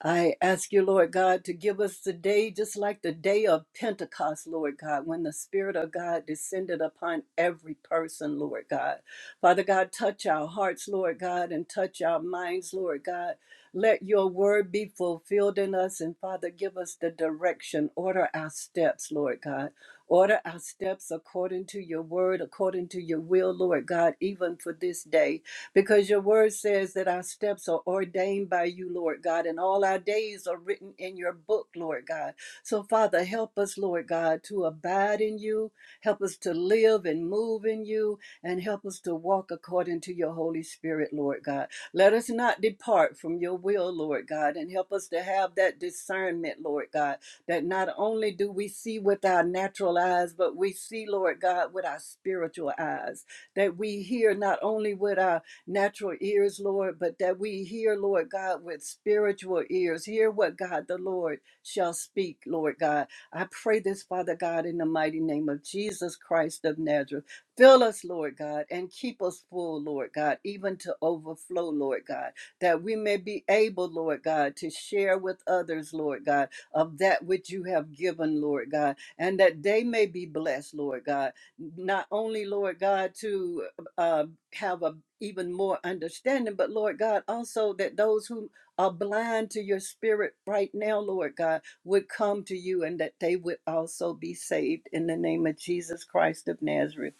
D: I ask you, Lord God, to give us the day just like the day of Pentecost, Lord God, when the Spirit of God descended upon every person, Lord God. Father God, touch our hearts, Lord God, and touch our minds, Lord God. Let your word be fulfilled in us, and Father, give us the direction. Order our steps, Lord God. Order our steps according to your word, according to your will, Lord God, even for this day because your word says that our steps are ordained by you, Lord God, and all our days are written in your book, Lord God. So, Father, help us, Lord God, to abide in you, help us to live and move in you, and help us to walk according to your Holy Spirit, Lord God. Let us not depart from your will, Lord God, and help us to have that discernment, Lord God, that not only do we see with our natural eyes, but we see, Lord God, with our spiritual eyes, that we hear not only with our natural ears, Lord, but that we hear, Lord God, with spiritual ears. Hear what God the Lord shall speak, Lord God. I pray this, Father God, in the mighty name of Jesus Christ of Nazareth. Fill us, Lord God, and keep us full, Lord God, even to overflow, Lord God, that we may be able, Lord God, to share with others, Lord God, of that which you have given, Lord God, and that they may be blessed, Lord God, not only, Lord God, to uh, have a even more understanding but lord god also that those who are blind to your spirit right now lord god would come to you and that they would also be saved in the name of jesus christ of nazareth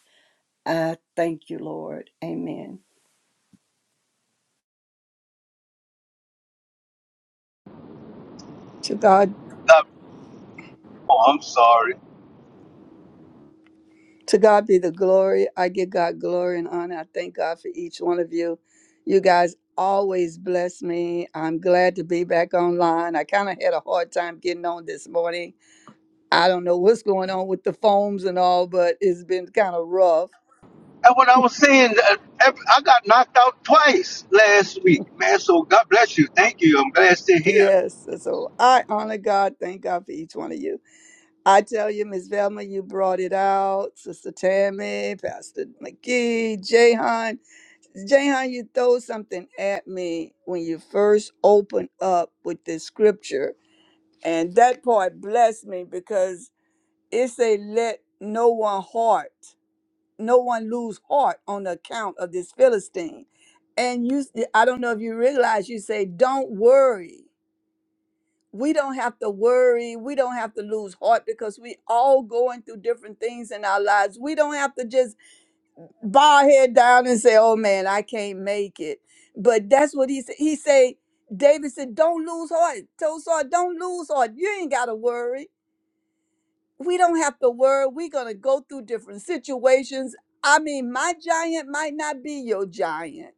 D: i thank you lord amen
E: To God,
A: God- oh i'm sorry
E: to God be the glory. I give God glory and honor. I thank God for each one of you. You guys always bless me. I'm glad to be back online. I kind of had a hard time getting on this morning. I don't know what's going on with the phones and all, but it's been kind of rough.
A: and what i was saying uh, ev- i got knocked out twice last week man so god bless you thank you i'm glad to hear.
E: Yes. So I honor God. Thank God for each one of you. I tell you, Miss Velma, you brought it out. Sister Tammy, Pastor McGee, Jahan. Jahan, you throw something at me when you first open up with this scripture, and that part blessed me because it say, "Let no one heart, no one lose heart on account of this Philistine." And you, I don't know if you realize, you say, "Don't worry." We don't have to worry. We don't have to lose heart because we all going through different things in our lives. We don't have to just bow head down and say, "Oh man, I can't make it." But that's what he said. He said, David said, "Don't lose heart, Tell Saul, Don't lose heart. You ain't got to worry. We don't have to worry. We're gonna go through different situations. I mean, my giant might not be your giant."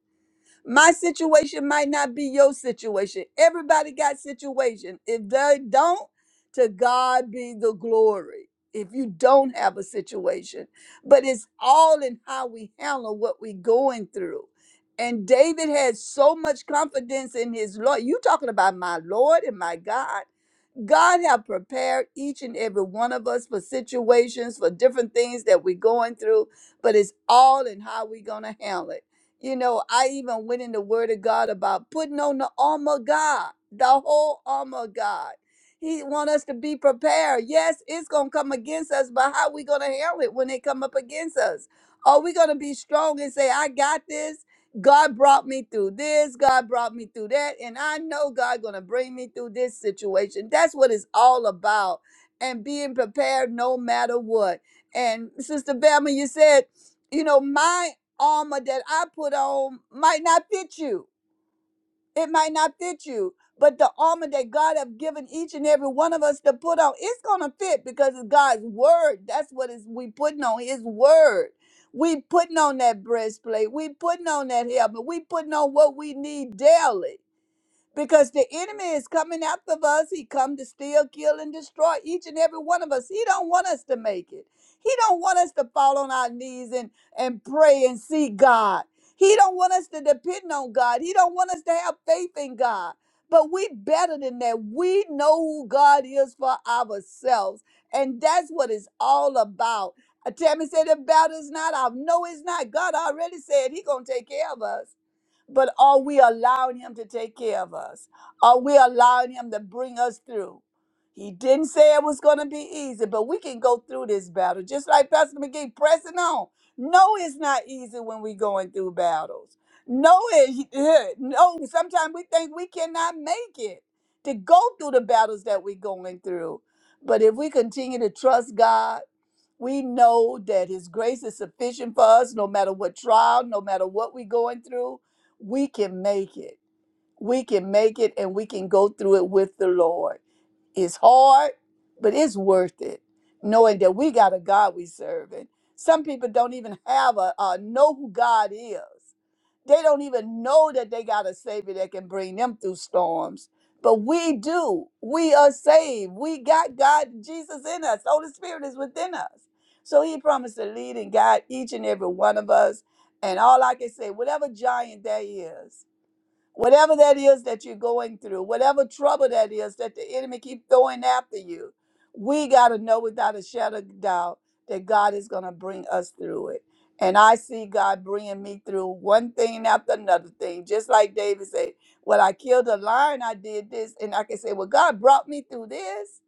E: My situation might not be your situation. Everybody got situation. If they don't, to God be the glory. If you don't have a situation, but it's all in how we handle what we're going through. And David had so much confidence in his Lord. You talking about my Lord and my God? God have prepared each and every one of us for situations, for different things that we're going through, but it's all in how we're going to handle it. You know, I even went in the Word of God about putting on the armor of God, the whole armor of God. He want us to be prepared. Yes, it's going to come against us, but how we going to handle it when they come up against us? Are we going to be strong and say, I got this? God brought me through this, God brought me through that, and I know God going to bring me through this situation. That's what it's all about and being prepared no matter what. And Sister Velma, you said, you know, my armor that I put on might not fit you it might not fit you, but the armor that God have given each and every one of us to put on, it's gonna fit because it's God's word. That's what is we putting on His word. We putting on that breastplate. We putting on that helmet. We putting on what we need daily because the enemy is coming after us he come to steal kill and destroy each and every one of us he don't want us to make it he don't want us to fall on our knees and and pray and seek god he don't want us to depend on god he don't want us to have faith in god but we better than that we know who god is for ourselves and that's what it's all about Uh, tammy said the battle's not out no it's not god already said he gonna take care of us but are we allowing him to take care of us? Are we allowing him to bring us through? He didn't say it was going to be easy, but we can go through this battle. Just like Pastor McGee, pressing on. No, it's not easy when we're going through battles. No, it, no, sometimes we think we cannot make it to go through the battles that we're going through. But if we continue to trust God, we know that His grace is sufficient for us, no matter what trial, no matter what we're going through. We can make it. We can make it and we can go through it with the Lord. It's hard, but it's worth it, knowing that we got a God we serving. Some people don't even have a uh, know who God is. They don't even know that they got a Savior that can bring them through storms. But we do. We are saved. We got God, Jesus in us. Holy Spirit is within us. So He promised to lead and guide each and every one of us. And all I can say, whatever giant that is whatever that is that you're going through, whatever trouble that is that the enemy keep throwing after you, we got to know without a shadow of doubt that God is going to bring us through it. And I see God bringing me through one thing after another thing, just like David said, "Well, I killed a lion, I did this," and I can say, "Well, God brought me through this."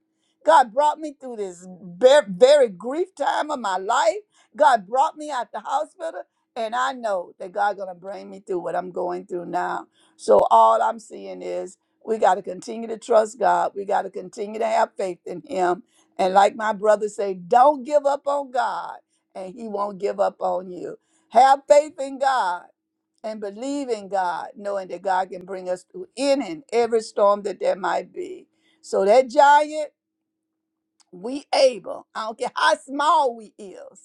E: God brought me through this ver- very grief time of my life. God brought me out the hospital, and I know that God's gonna bring me through what I'm going through now. So all I'm seeing is we got to continue to trust God. We got to continue to have faith in Him. And like my brother say, don't give up on God, and He won't give up on you. Have faith in God and believe in God, knowing that God can bring us through any and every storm that there might be. So that giant, we able. I don't care how small we is.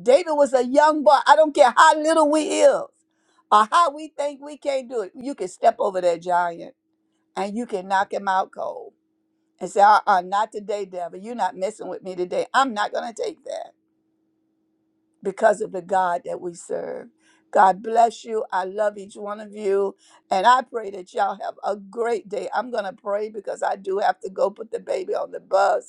E: David was a young boy. I don't care how little we is or how we think we can't do it. You can step over that giant and you can knock him out cold and say, uh uh, not today, devil. You're not messing with me today. I'm not going to take that because of the God that we serve. God bless you. I love each one of you. And I pray that y'all have a great day. I'm going to pray because I do have to go put the baby on the bus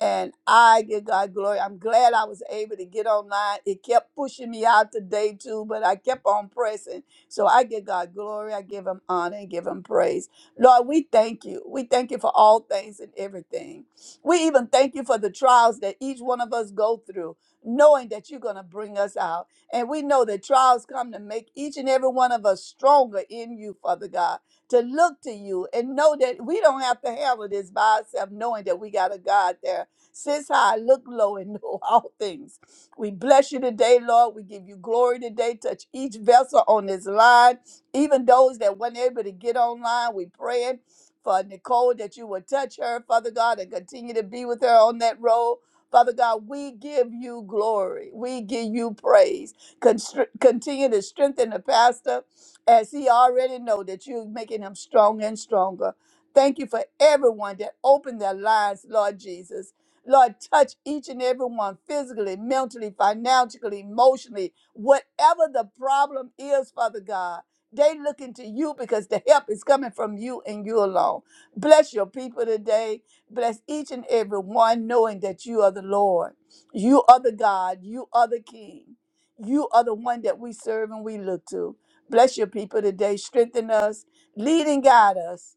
E: and I give God glory. I'm glad I was able to get online. It kept pushing me out today too, but I kept on pressing. So I give God glory. I give him honor and give him praise. Lord, we thank you. We thank you for all things and everything. We even thank you for the trials that each one of us go through, knowing that you're going to bring us out. And we know that trials come to make each and every one of us stronger in you, Father God, to look to you and know that we don't have to handle this by ourselves, knowing that we got a God there since high, look low, and know all things. We bless you today, Lord. We give you glory today. Touch each vessel on this line, even those that weren't able to get online. We praying for Nicole that you will touch her, Father God, and continue to be with her on that road. Father God, we give you glory. We give you praise. Constr- continue to strengthen the pastor as he already know that you're making him strong and stronger. Thank you for everyone that opened their lives, Lord Jesus. Lord, touch each and every one physically, mentally, financially, emotionally, whatever the problem is, Father God. They looking to you because the help is coming from you and you alone. Bless your people today. Bless each and every one, knowing that you are the Lord. You are the God. You are the King. You are the one that we serve and we look to. Bless your people today. Strengthen us, lead and guide us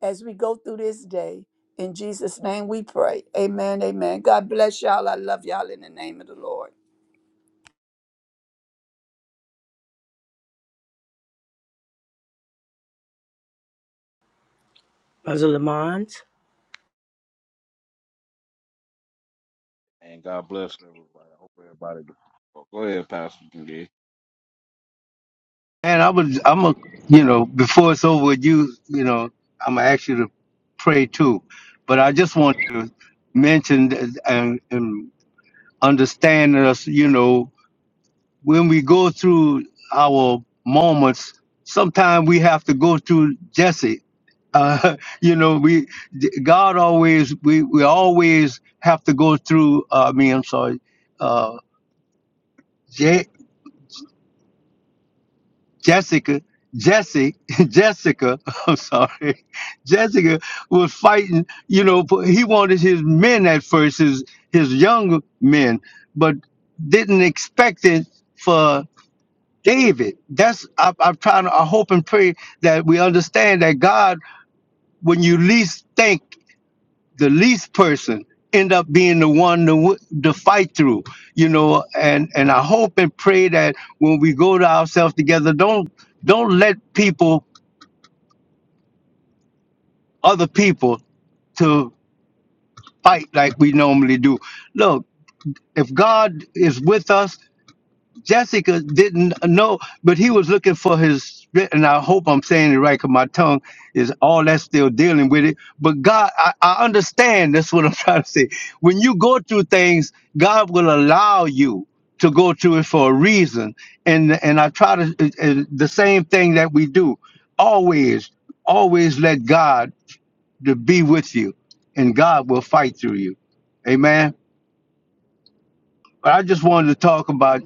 E: as we go through this day. In Jesus' name we pray. Amen. Amen. God bless y'all. I love y'all in the name of the Lord.
C: Brother Lamont.
F: And God bless everybody. I hope everybody. Well, go ahead, Pastor Judy.
A: And I would, I'm a, you know, before it's over with you, you know, I'm gonna ask you to pray too. But I just want to mention that- and, and understand us, you know, when we go through our moments, sometimes we have to go through Jesse. Uh, you know, we God always we we always have to go through. Uh, I mean, I'm sorry, uh, Jessica, Jesse, Jessica, I'm sorry, Jessica was fighting, you know, for- he wanted his men at first, his, his young men, but didn't expect it for David. That's, I, I'm trying to, I hope and pray that we understand that God, when you least think the least person end up being the one to, w- to fight through you know and and i hope and pray that when we go to ourselves together don't don't let people other people to fight like we normally do look if god is with us Jessica didn't know, but he was looking for his. And I hope I'm saying it right, 'cause my tongue is all that's still dealing with it. But God, I, I understand. That's what I'm trying to say. When you go through things, God will allow you to go through it for a reason. And and I try to and- and the same thing that we do. Always, always let God to be with you, and God will fight through you. Amen. But I just wanted to talk about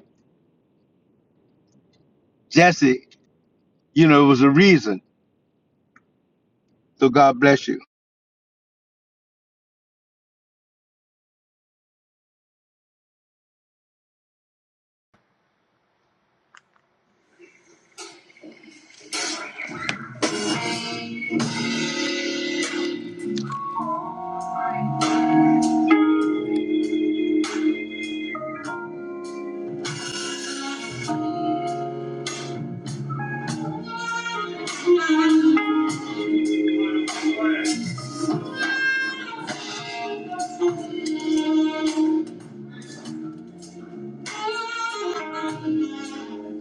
A: Jesse. You know, it was a reason. So God bless you.
C: I know right now it's impossible.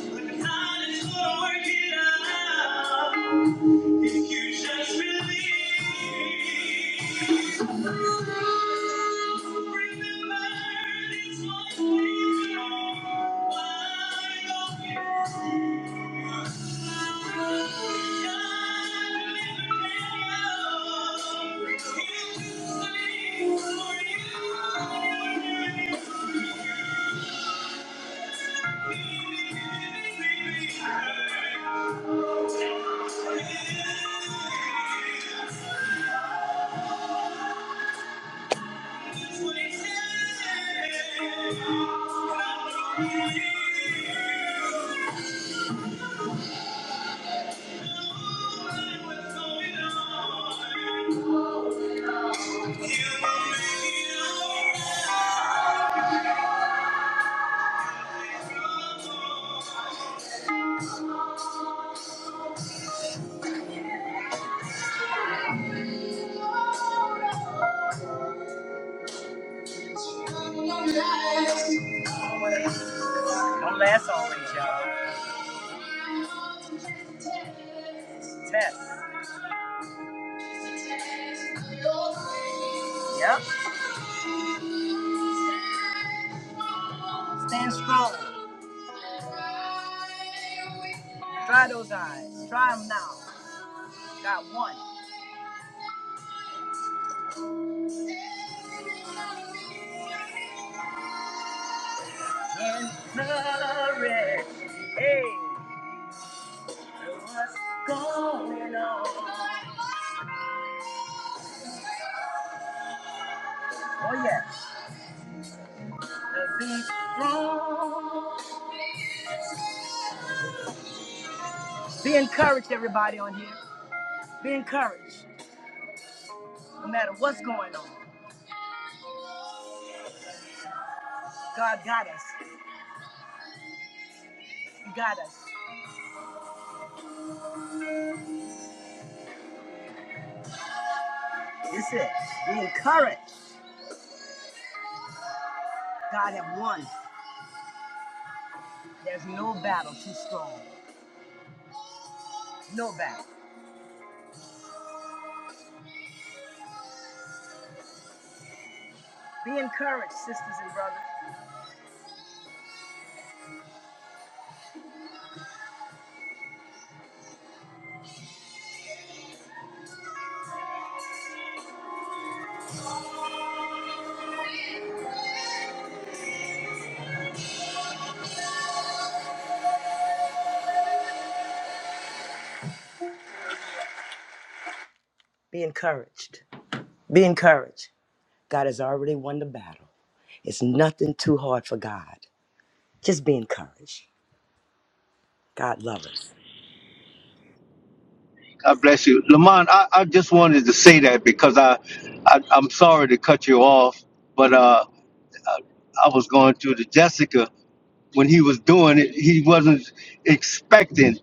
C: But God is gonna work it out if you just believe. Thank you. Don't last always, y'all. Test. Yep. Stand strong. Try those eyes. Try them now. Got one. Yes. Be encouraged, everybody on here. Be encouraged. No matter what's going on, God got us. He got us. That's it. Be encouraged. God have won. There's no battle too strong. No battle. Be encouraged, sisters and brothers. Be encouraged. Be encouraged. God has already won the battle. It's nothing too hard for God. Just be encouraged. God loves us.
A: God bless you. Lamont, I, I just wanted to say that because I, I I'm sorry to cut you off, but uh I, I was going through the Jessica when he was doing it, he wasn't expecting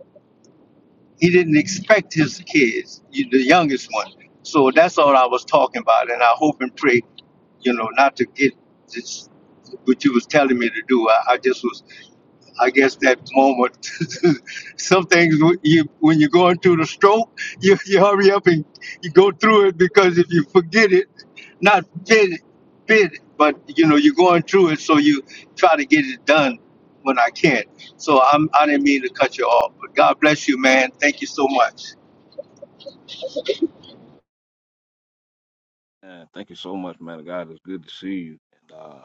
A: he didn't expect his kids, you- the youngest one. So that's all I was talking about and I hope and pray, you know, not to get this what you was telling me to do. I, I just was I guess that moment. Some things w- you when you're going through the stroke, you, you hurry up and you go through it because if you forget it, not bid it, bid it, but you know you're going through it, so you try to get it done when I can. So I'm I didn't mean to cut you off, but God bless you, man. Thank you so much,
F: And thank you so much, man. of God, it's good to see you. And uh,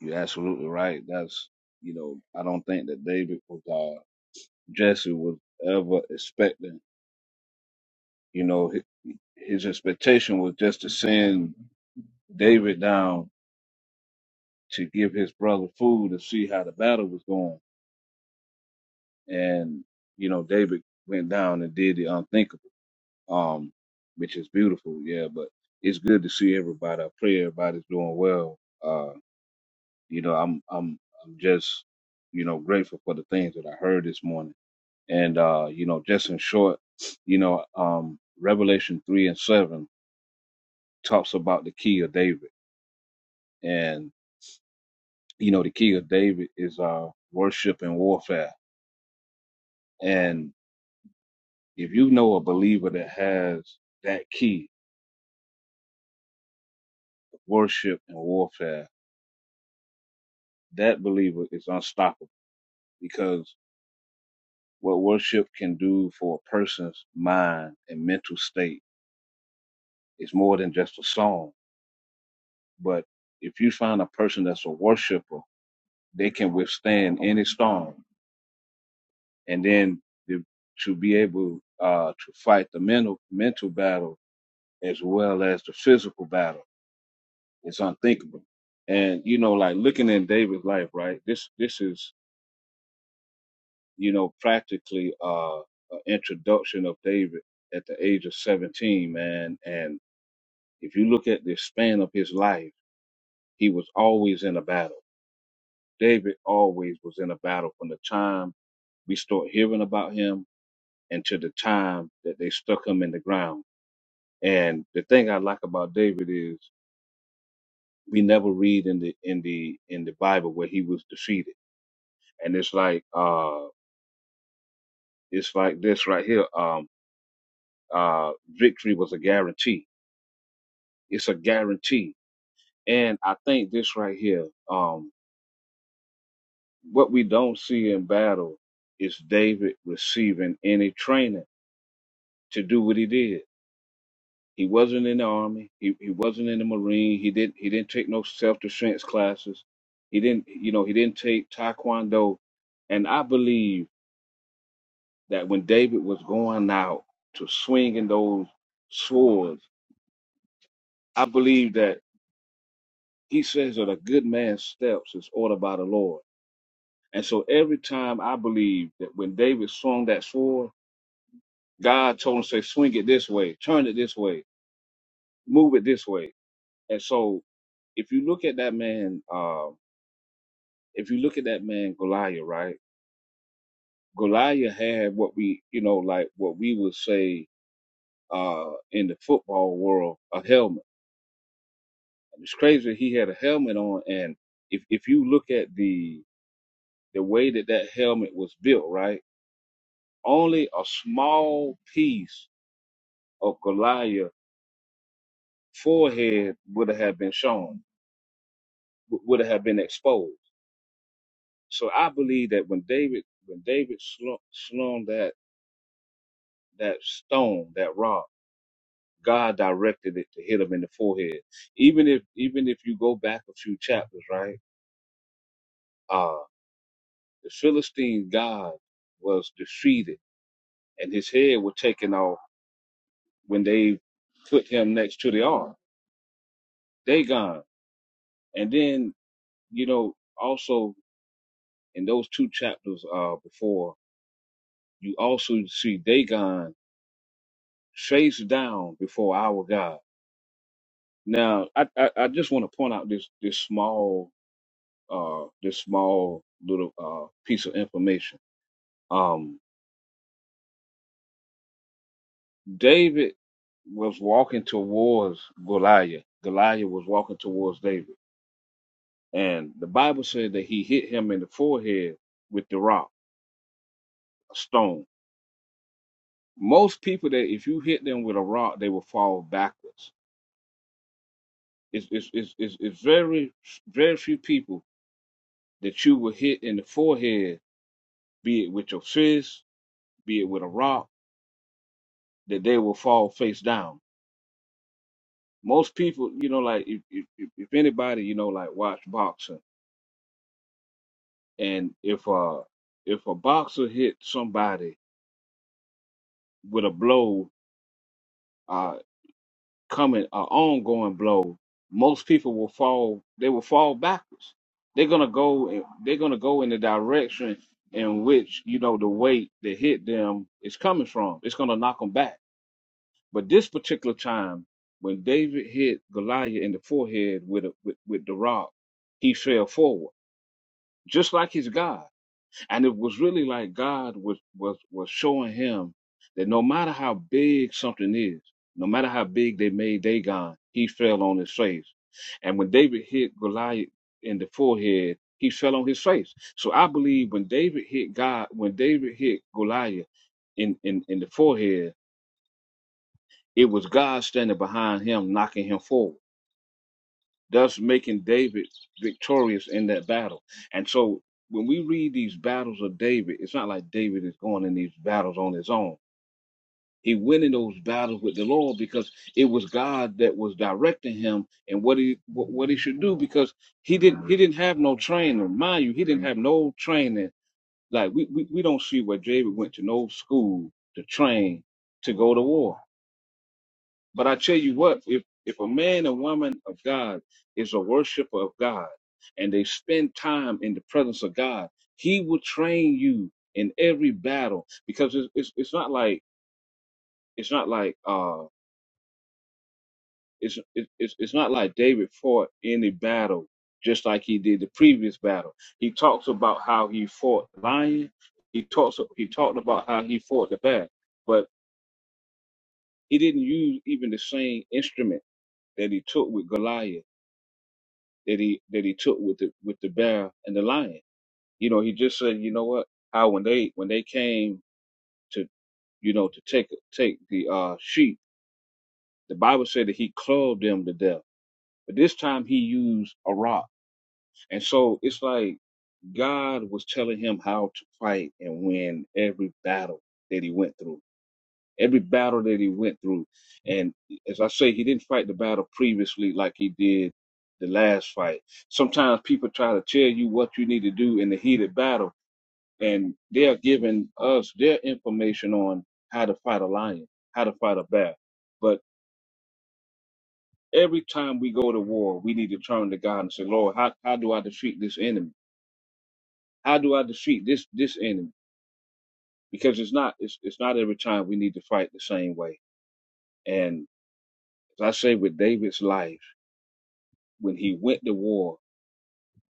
F: you're absolutely right. That's you know, I don't think that David was uh, Jesse was ever expecting. You know, his, his expectation was just to send David down to give his brother food to see how the battle was going. And you know, David went down and did the unthinkable. um, which is beautiful. Yeah, but it's good to see everybody. I pray everybody's doing well. Uh, you know, I'm I'm I'm just you know grateful for the things that I heard this morning. And uh, you know, just in short, you know, um, Revelation three and seven talks about the key of David, and you know, the key of David is uh worship and warfare. And if you know a believer that has that key, worship and warfare, that believer is unstoppable because what worship can do for a person's mind and mental state is more than just a song. But if you find a person that's a worshiper, they can withstand any storm, and then the, to be able uh, to fight the mental mental battle as well as the physical battle is unthinkable. And you know, like looking in David's life, right? This this is you know practically uh, an introduction of David at the age of 17, man, and If you look at the span of his life, he was always in a battle. David always was in a battle from the time we start hearing about him until the time that they stuck him in the ground. And the thing I like about David is we never read in the in the in the Bible where he was defeated. And it's like uh it's like this right here. Um uh victory was a guarantee. It's a guarantee. And I think this right here, um. what we don't see in battle is David receiving any training to do what he did. He wasn't in the army. He, he wasn't in the marine. He didn't he didn't take no self defense classes. He didn't you know he didn't take taekwondo. And I believe that when David was going out to swinging those swords, I believe that he says that a good man's steps is ordered by the Lord. And so every time I believe that when David swung that sword God told him, say, swing it this way, turn it this way, move it this way. And so if you look at that man, uh, if you look at that man Goliath, right? Goliath had what we, you know, like what we would say uh, in the football world, a helmet. And it's crazy he had a helmet on. And if, if you look at the the way that that helmet was built, right? Only a small piece of Goliath's forehead would have been shown, would have been exposed So I believe that when David when David slu- slung that that stone that rock, God directed it to hit him in the forehead. Even if even if you go back a few chapters, right? Uh the Philistine God was defeated, and his head was taken off when they put him next to the ark. Dagon, and then you know also in those two chapters uh before, you also see Dagon chased down before our God Now, I, I, I just want to point out this this small uh this small little uh piece of information. Um, David was walking towards Goliath. Goliath was walking towards David, and the Bible said that he hit him in the forehead with the rock, a stone. Most people that if you hit them with a rock, they will fall backwards. It's it's it's it's, it's very very few people that you will hit in the forehead, be it with your fist, be it with a rock that they will fall face down. Most people, you know, like if if, if if anybody, you know, like watch boxing, and if uh if a boxer hit somebody with a blow, uh coming a ongoing blow, most people will fall. They will fall backwards. They're gonna go and they're gonna go in the direction in which you know the weight that hit them is coming from. It's gonna knock them back But this particular time, when David hit Goliath in the forehead with, a, with with the rock, he fell forward, just like his God. And it was really like God was was was showing him that no matter how big something is, no matter how big they made Dagon, he fell on his face. And when David hit Goliath in the forehead, he fell on his face. So I believe when David hit God, when David hit Goliath in in, in the forehead it was God standing behind him, knocking him forward, thus making David victorious in that battle. And so when we read these battles of David, it's not like David is going in these battles on his own. He went in those battles with the Lord because it was God that was directing him and what he what, what he should do because he didn't he didn't have no training. Mind you, he didn't have no training. Like we, we, we don't see where David went to no school to train to go to war But I tell you what, if if a man and woman of God is a worshiper of God and they spend time in the presence of God, he will train you in every battle because it's it's, it's not like it's not like uh it's it- it's it's not like David fought any battle just like he did the previous battle. He talks about how he fought the lion. He talks he talked about how he fought the bear, but he didn't use even the same instrument that he took with Goliath that he that he took with the with the bear and the lion. You know, he just said, you know what? How when they when they came to you know to take take the uh sheep, the Bible said that he clove them to death. But this time he used a rock. And so it's like God was telling him how to fight and win every battle that he went through. every battle that he went through. And as I say, he didn't fight the battle previously like he did the last fight. Sometimes people try to tell you what you need to do in the heated battle, and they're giving us their information on how to fight a lion, how to fight a bear. But every time we go to war, we need to turn to God and say, Lord, how, how do I defeat this enemy? How do I defeat this this enemy? Because it's not it's, it's not every time we need to fight the same way. And as I say with David's life when he went to war,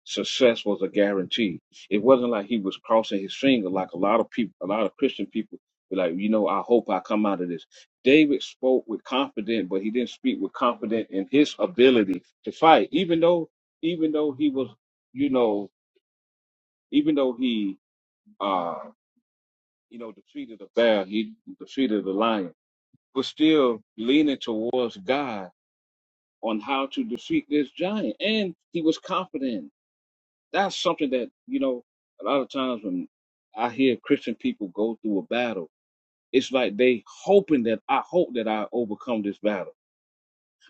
F: success was a guarantee. It wasn't like he was crossing his finger like a lot of people, a lot of Christian people be like, you know, I hope I come out of this. David spoke with confidence, but he didn't speak with confidence in his ability to fight. Even though, even though he was, you know, even though he, uh, you know, defeated the bear, he defeated the lion, but still leaning towards God on how to defeat this giant. And he was confident That's something that, you know, a lot of times when I hear Christian people go through a battle, it's like they hoping that I hope that I overcome this battle.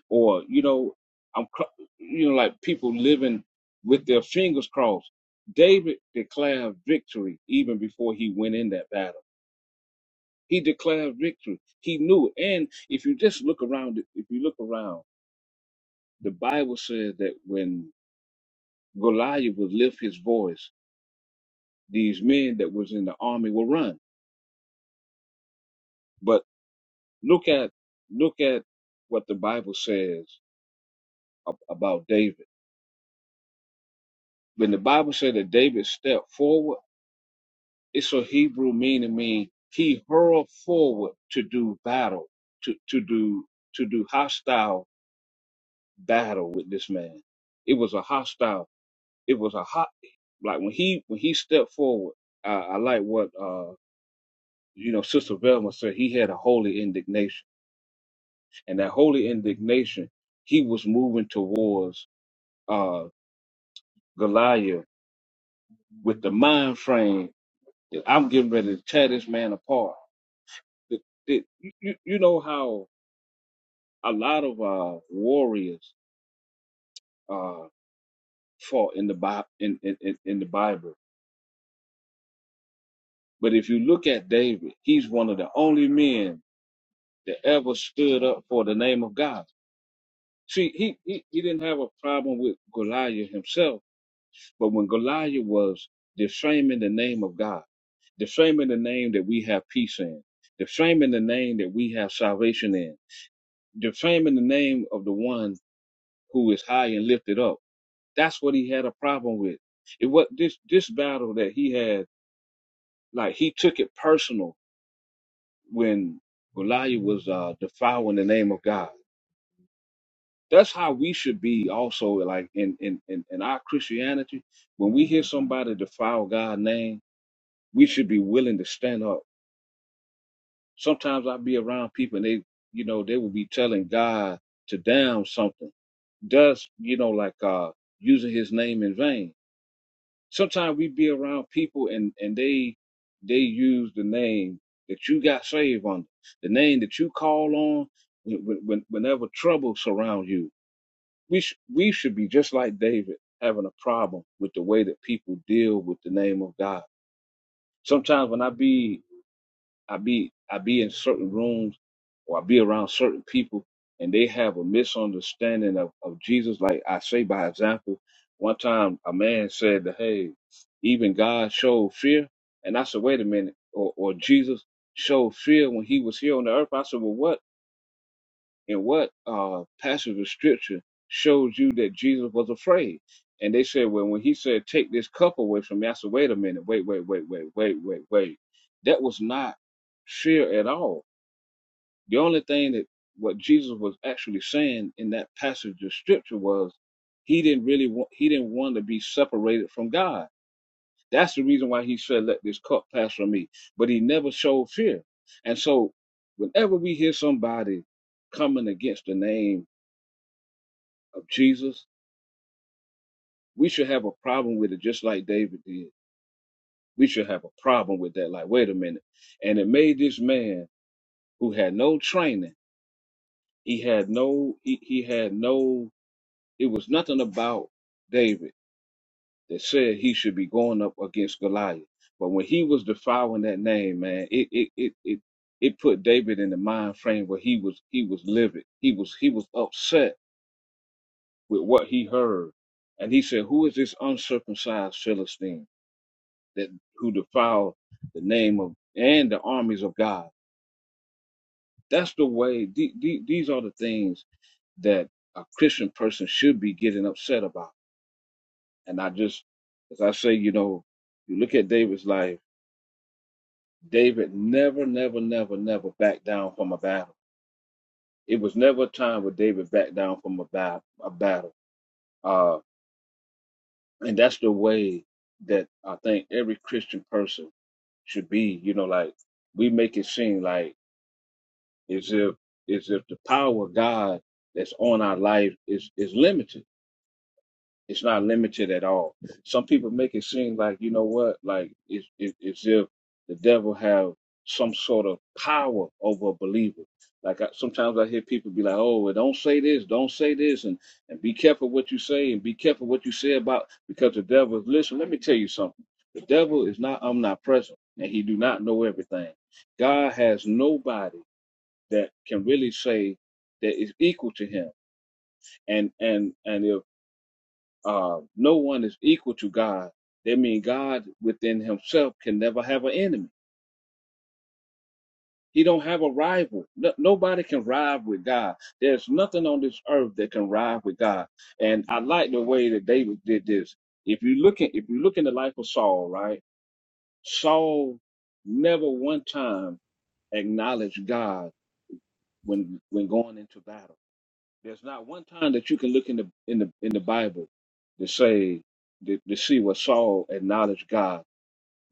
F: Or, you know, I'm, cr- you know, like people living with their fingers crossed. David declared victory even before he went in that battle. He declared victory. He knew it. And if you just look around, if you look around, the Bible says that when Goliath would lift his voice, these men that was in the army will run But look at look at what the Bible says ab- about David. When the Bible said that David stepped forward, it's a Hebrew meaning mean he hurled forward to do battle, to, to do to do hostile battle with this man. It was a hostile. It was a hot like when he when he stepped forward. I, I like what uh you know Sister Velma said. He had a holy indignation, and that holy indignation he was moving towards. uh, Goliath with the mind frame that I'm getting ready to tear this man apart. That, that, you, you know how a lot of uh, warriors uh, fought in the, Bi- in, in, in in the Bible. But if you look at David, he's one of the only men that ever stood up for the name of God. See, he, he, he didn't have a problem with Goliath himself But when Goliath was defaming the name of God, defaming the name that we have peace in, defaming the name that we have salvation in, defaming the name of the one who is high and lifted up. That's what he had a problem with. It was this this battle that he had, like he took it personal when Goliath was uh, defiling the name of God. That's how we should be also like in, in, in, in our Christianity. When we hear somebody defile God's name, we should be willing to stand up. Sometimes i be around people and they, you know, they will be telling God to damn something. Does, you know, like uh using his name in vain. Sometimes we be around people and and they they use the name that you got saved under, the name that you call on when, when- whenever trouble surrounds you. We sh- we should be just like David having a problem with the way that people deal with the name of God. Sometimes when I be I be I be in certain rooms or I be around certain people and they have a misunderstanding of, of Jesus. Like I say by example, one time a man said that hey, even God showed fear. And I said, wait a minute, or, or Jesus showed fear when he was here on the earth. I said, Well what? and what uh, passage of scripture shows you that Jesus was afraid? And they said, well, when he said, take this cup away from me, I said, wait a minute, wait, wait, wait, wait, wait, wait, wait. That was not fear at all. The only thing that what Jesus was actually saying in that passage of scripture was he didn't really want, he didn't want to be separated from God. That's the reason why he said, let this cup pass from me. But he never showed fear. And so whenever we hear somebody coming against the name of Jesus, we should have a problem with it just like David did. We should have a problem with that. Like, wait a minute. And it made this man who had no training, he had no, he, he had no, it was nothing about David that said he should be going up against Goliath. But when he was defiling that name, man, it it it it it put David in the mind frame where he was he was livid. He was he was upset with what he heard. And he said, Who is this uncircumcised Philistine? that who defile the name of and the armies of God. That's the way. The, the, these are the things that a Christian person should be getting upset about. And I just, as I say, you know, you look at David's life. David never, never, never, never backed down from a battle. It was never a time where David backed down from a, bat, a battle. Uh, and that's the way that I think every Christian person should be. You know, like we make it seem like Is if is if the power of God that's on our life is is limited. It's not limited at all. Some people make it seem like you know what, like it's it, it's if the devil have some sort of power over a believer. Like I, sometimes I hear people be like, "Oh, well, don't say this, don't say this," and and be careful what you say, and be careful what you say about because the devil is. Listen, let me tell you something. The devil is not omnipresent, and he do not know everything. God has nobody that can really say that is equal to him. And and and if uh, no one is equal to God, that means God within Himself can never have an enemy. He don't have a rival. No, nobody can rival with God. There's nothing on this earth that can rival with God. And I like the way that David did this. If you look at if you look in the life of Saul, right? Saul never one time acknowledged God when when going into battle There's not one time that you can look in the in the in the Bible to say to, to see what Saul acknowledged God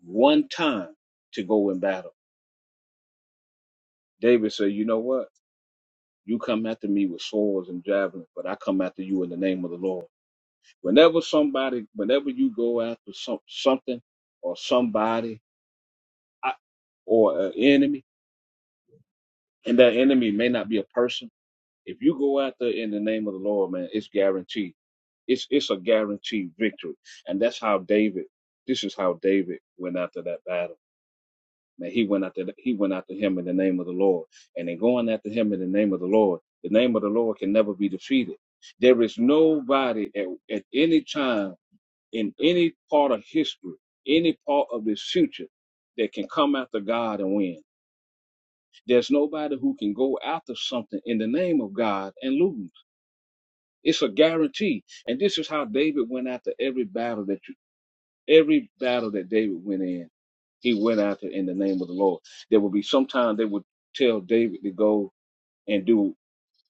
F: one time to go in battle. David said, "You know what? You come after me with swords and javelins, but I come after you in the name of the Lord." Whenever somebody, whenever you go after some something or somebody I- or an enemy, and that enemy may not be a person If you go out there in the name of the Lord, man, it's guaranteed. It's it's a guaranteed victory. And that's how David, this is how David went after that battle. Man, he went after he went after him in the name of the Lord. And in going after him in the name of the Lord, the name of the Lord can never be defeated. There is nobody at, at any time in any part of history, any part of this future that can come after God and win. There's nobody who can go after something in the name of God and lose. It's a guarantee. And this is how David went after every battle that you, every battle that David went in, he went after in the name of the Lord. There would be sometimes they would tell David to go and do,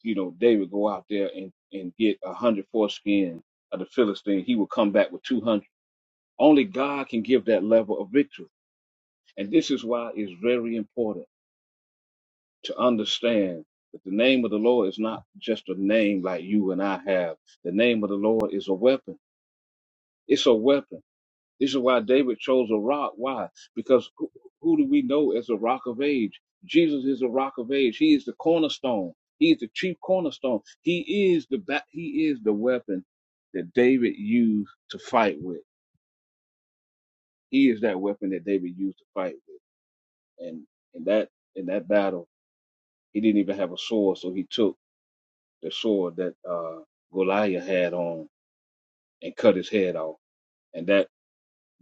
F: you know, David go out there and, and get a hundred foreskin of the Philistine. He would come back with 200. Only God can give that level of victory. And this is why it's very important to understand that the name of the Lord is not just a name like you and I have. The name of the Lord is a weapon. It's a weapon This is why David chose a rock. Why? Because who, who do we know as a rock of age? Jesus is a rock of age. He is the cornerstone. He is the chief cornerstone. He is the ba- he is the weapon that David used to fight with. He is that weapon that David used to fight with. And in that in that battle, he didn't even have a sword, so he took the sword that uh, Goliath had on and cut his head off. And that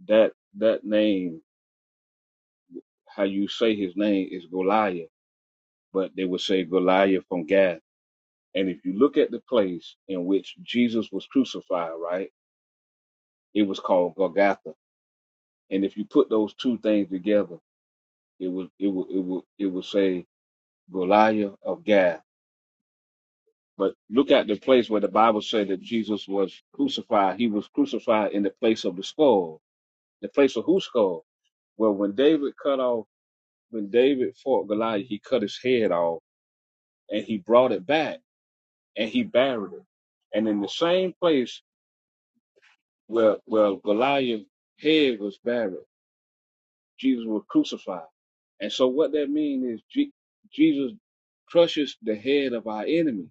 F: that that name, how you say his name, is Goliath but they would say Goliath from Gath. And if you look at the place in which Jesus was crucified, right, it was called Golgotha. And if you put those two things together, it would it would it would it would say Goliath of Gath. But look at the place where the Bible said that Jesus was crucified. He was crucified in the place of the skull, the place of whose skull? Well, when David cut off, when David fought Goliath, he cut his head off and he brought it back and he buried it. And in the same place Well, well, Goliath's head was buried. Jesus was crucified. And so what that means is Je- Jesus crushes the head of our enemy.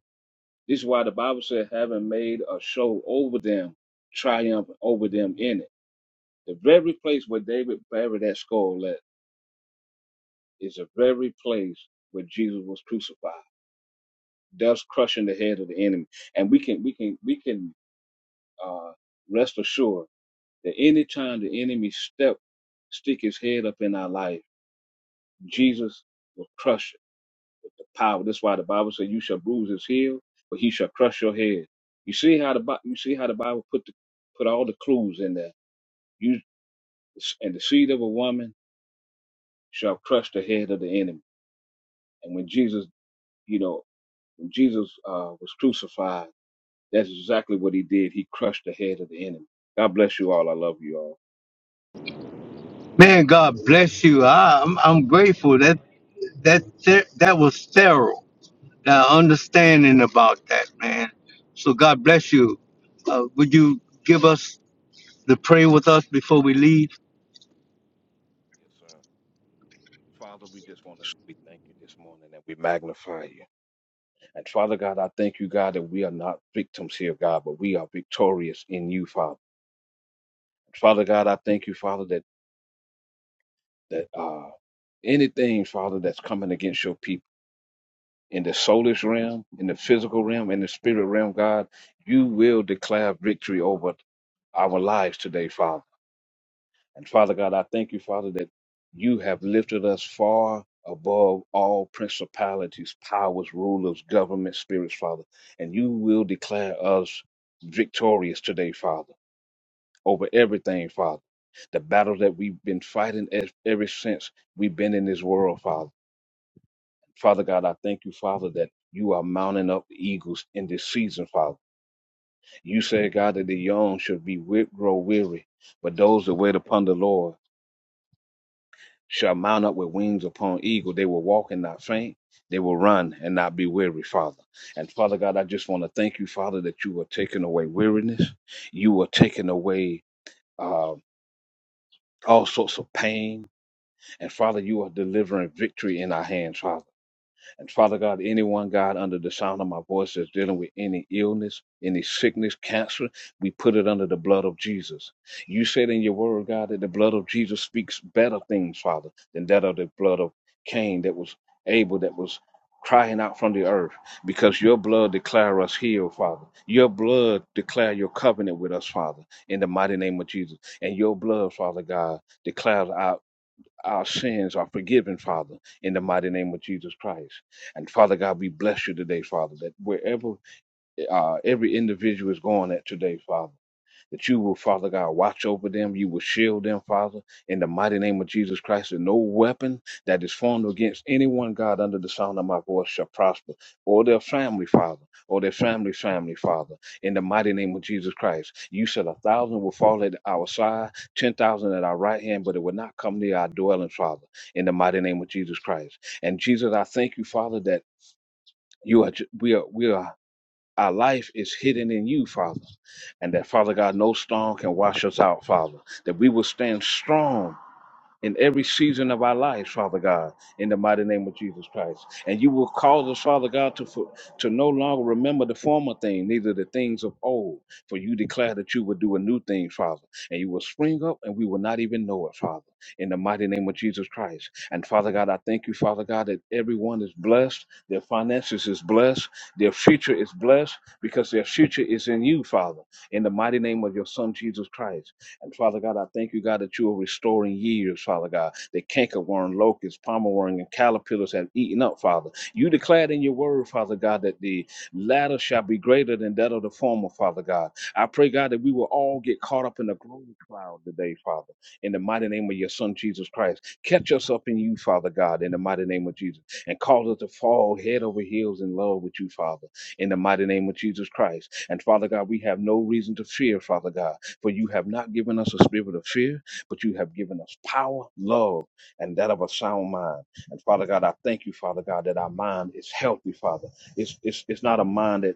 F: This is why the Bible said, having made a show over them, triumph over them in it. The very place where David buried that skull at is the very place where Jesus was crucified, thus crushing the head of the enemy. And we can, we can, we can, uh, rest assured That any time the enemy step, stick his head up in our life, Jesus will crush it with the power. That's why the Bible says, "You shall bruise his heel, but he shall crush your head." You see how the Bi- you see how the Bible put the put all the clues in there. You and the seed of a woman shall crush the head of the enemy. And when Jesus, you know, when Jesus uh, was crucified, that's exactly what he did. He crushed the head of the enemy. God bless you all. I love you all.
A: man. God bless you. I, I'm I'm grateful that that that, that was thorough. the understanding about that, man. So God bless you. Uh, would you give us the pray with us before we leave?
F: Yes, sir. Father, we just want to we thank you this morning and we magnify you. And Father God, I thank you, God, that we are not victims here, God, but we are victorious in you, Father. Father God, I thank you, Father, that that uh anything, Father, that's coming against your people in the soulless realm, in the physical realm, in the spirit realm, God, you will declare victory over our lives today, Father. And Father God, I thank you, Father, that you have lifted us far above all principalities, powers, rulers, government, spirits, Father. And you will declare us victorious today, Father, over everything, Father. The battle that we've been fighting ev- ever since we've been in this world, Father. Father God, I thank you, Father, that you are mounting up eagles in this season, Father. You said, God, that the young should be wi- grow weary, but those that wait upon the Lord shall mount up with wings upon eagle. They will walk and not faint. They will run and not be weary, Father. And Father God, I just want to thank you, Father, that you are taking away weariness. You are taking away uh, all sorts of pain. And Father, you are delivering victory in our hands, Father. And Father God, anyone, God, under the sound of my voice that's dealing with any illness, any sickness, cancer, we put it under the blood of Jesus. You said in your word, God, that the blood of Jesus speaks better things, Father, than that of the blood of Cain that was Abel that was crying out from the earth because your blood declare us healed father your blood declare your covenant with us father in the mighty name of jesus and your blood father god declares out our sins are forgiven, Father, in the mighty name of Jesus Christ. And Father God, we bless you today, Father, that wherever uh, every individual is going at today, Father that you will, Father God, watch over them. You will shield them, Father, in the mighty name of Jesus Christ. And no weapon that is formed against anyone, God, under the sound of my voice shall prosper, or their family, Father, or their family, family, Father, in the mighty name of Jesus Christ. You said a thousand will fall at our side, 10,000 at our right hand, but it will not come near our dwelling, Father, in the mighty name of Jesus Christ. And Jesus, I thank you, Father, that. You are, ju- we are, we are our life is hidden in you, Father. And that, Father God, no storm can wash us out, Father. That we will stand strong in every season of our lives, Father God, in the mighty name of Jesus Christ. And you will cause us, Father God, to for, to no longer remember the former thing, neither the things of old. For you declare that you will do a new thing, Father, and you will spring up, and we will not even know it, Father. In the mighty name of Jesus Christ. And Father God, I thank you, Father God, that everyone is blessed, their finances is blessed, their future is blessed, because their future is in you, Father. In the mighty name of your Son Jesus Christ. And Father God, I thank you, God, that you are restoring years, Father God, that cankerworm, locusts, worm, and caterpillars have eaten up, Father. You declared in your word, Father God, that the latter shall be greater than that of the former, Father God. I pray, God, that we will all get caught up in the glory cloud today, Father, in the mighty name of your Son, Jesus Christ. Catch us up in you, Father God, in the mighty name of Jesus, and cause us to fall head over heels in love with you, Father, in the mighty name of Jesus Christ. And Father God, we have no reason to fear, Father God. For you have not given us a spirit of fear, but you have given us power, love, and that of a sound mind. And Father God, I thank you, Father God, that our mind is healthy, Father. It's, it's, it's not a mind that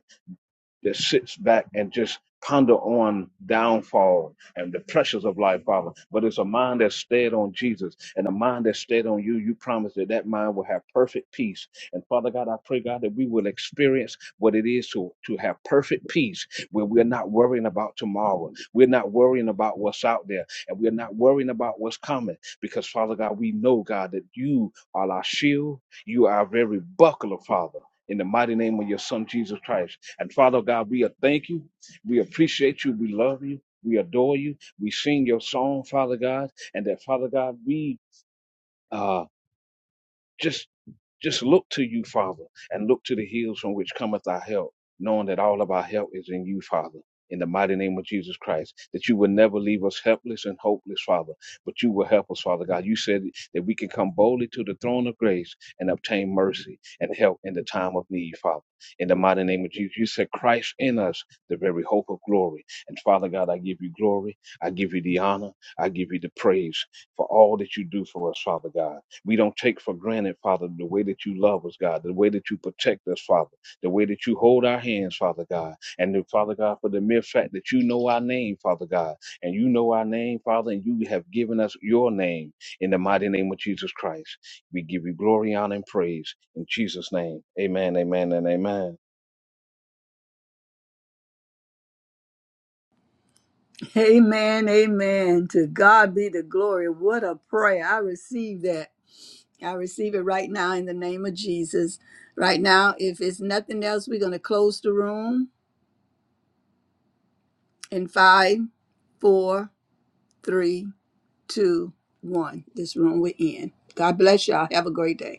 F: that sits back and just ponder on downfall and the pressures of life, Father. But it's a mind that's stayed on Jesus and a mind that's stayed on you. You promise that that mind will have perfect peace. And Father God, I pray, God, that we will experience what it is to, to have perfect peace where we're not worrying about tomorrow. We're not worrying about what's out there and we're not worrying about what's coming because, Father God, we know, God, that you are our shield. You are our very buckler, Father. In the mighty name of your son, Jesus Christ. And Father God, we thank you. We appreciate you. We love you. We adore you. We sing your song, Father God. And that, Father God, we uh, just just look to you, Father, and look to the hills from which cometh our help, knowing that all of our help is in you, Father. In the mighty name of Jesus Christ, that you will never leave us helpless and hopeless, Father, but you will help us, Father God. You said that we can come boldly to the throne of grace and obtain mercy and help in the time of need, Father. In the mighty name of Jesus, you said Christ in us, the very hope of glory. And Father God, I give you glory, I give you the honor, I give you the praise for all that you do for us, Father God. We don't take for granted, Father, the way that you love us, God, the way that you protect us, Father, the way that you hold our hands, Father God, and then, Father God, for the mere fact that you know our name, Father God, and you know our name, Father, and you have given us your name in the mighty name of Jesus Christ. We give you glory, honor, and praise in Jesus' name. Amen, amen, and amen.
E: Amen. Amen. To God be the glory. What a prayer. I receive that. I receive it right now in the name of Jesus. Right now, if it's nothing else, we're going to close the room in five, four, three, two, one. This room we're in. God bless y'all. Have a great day.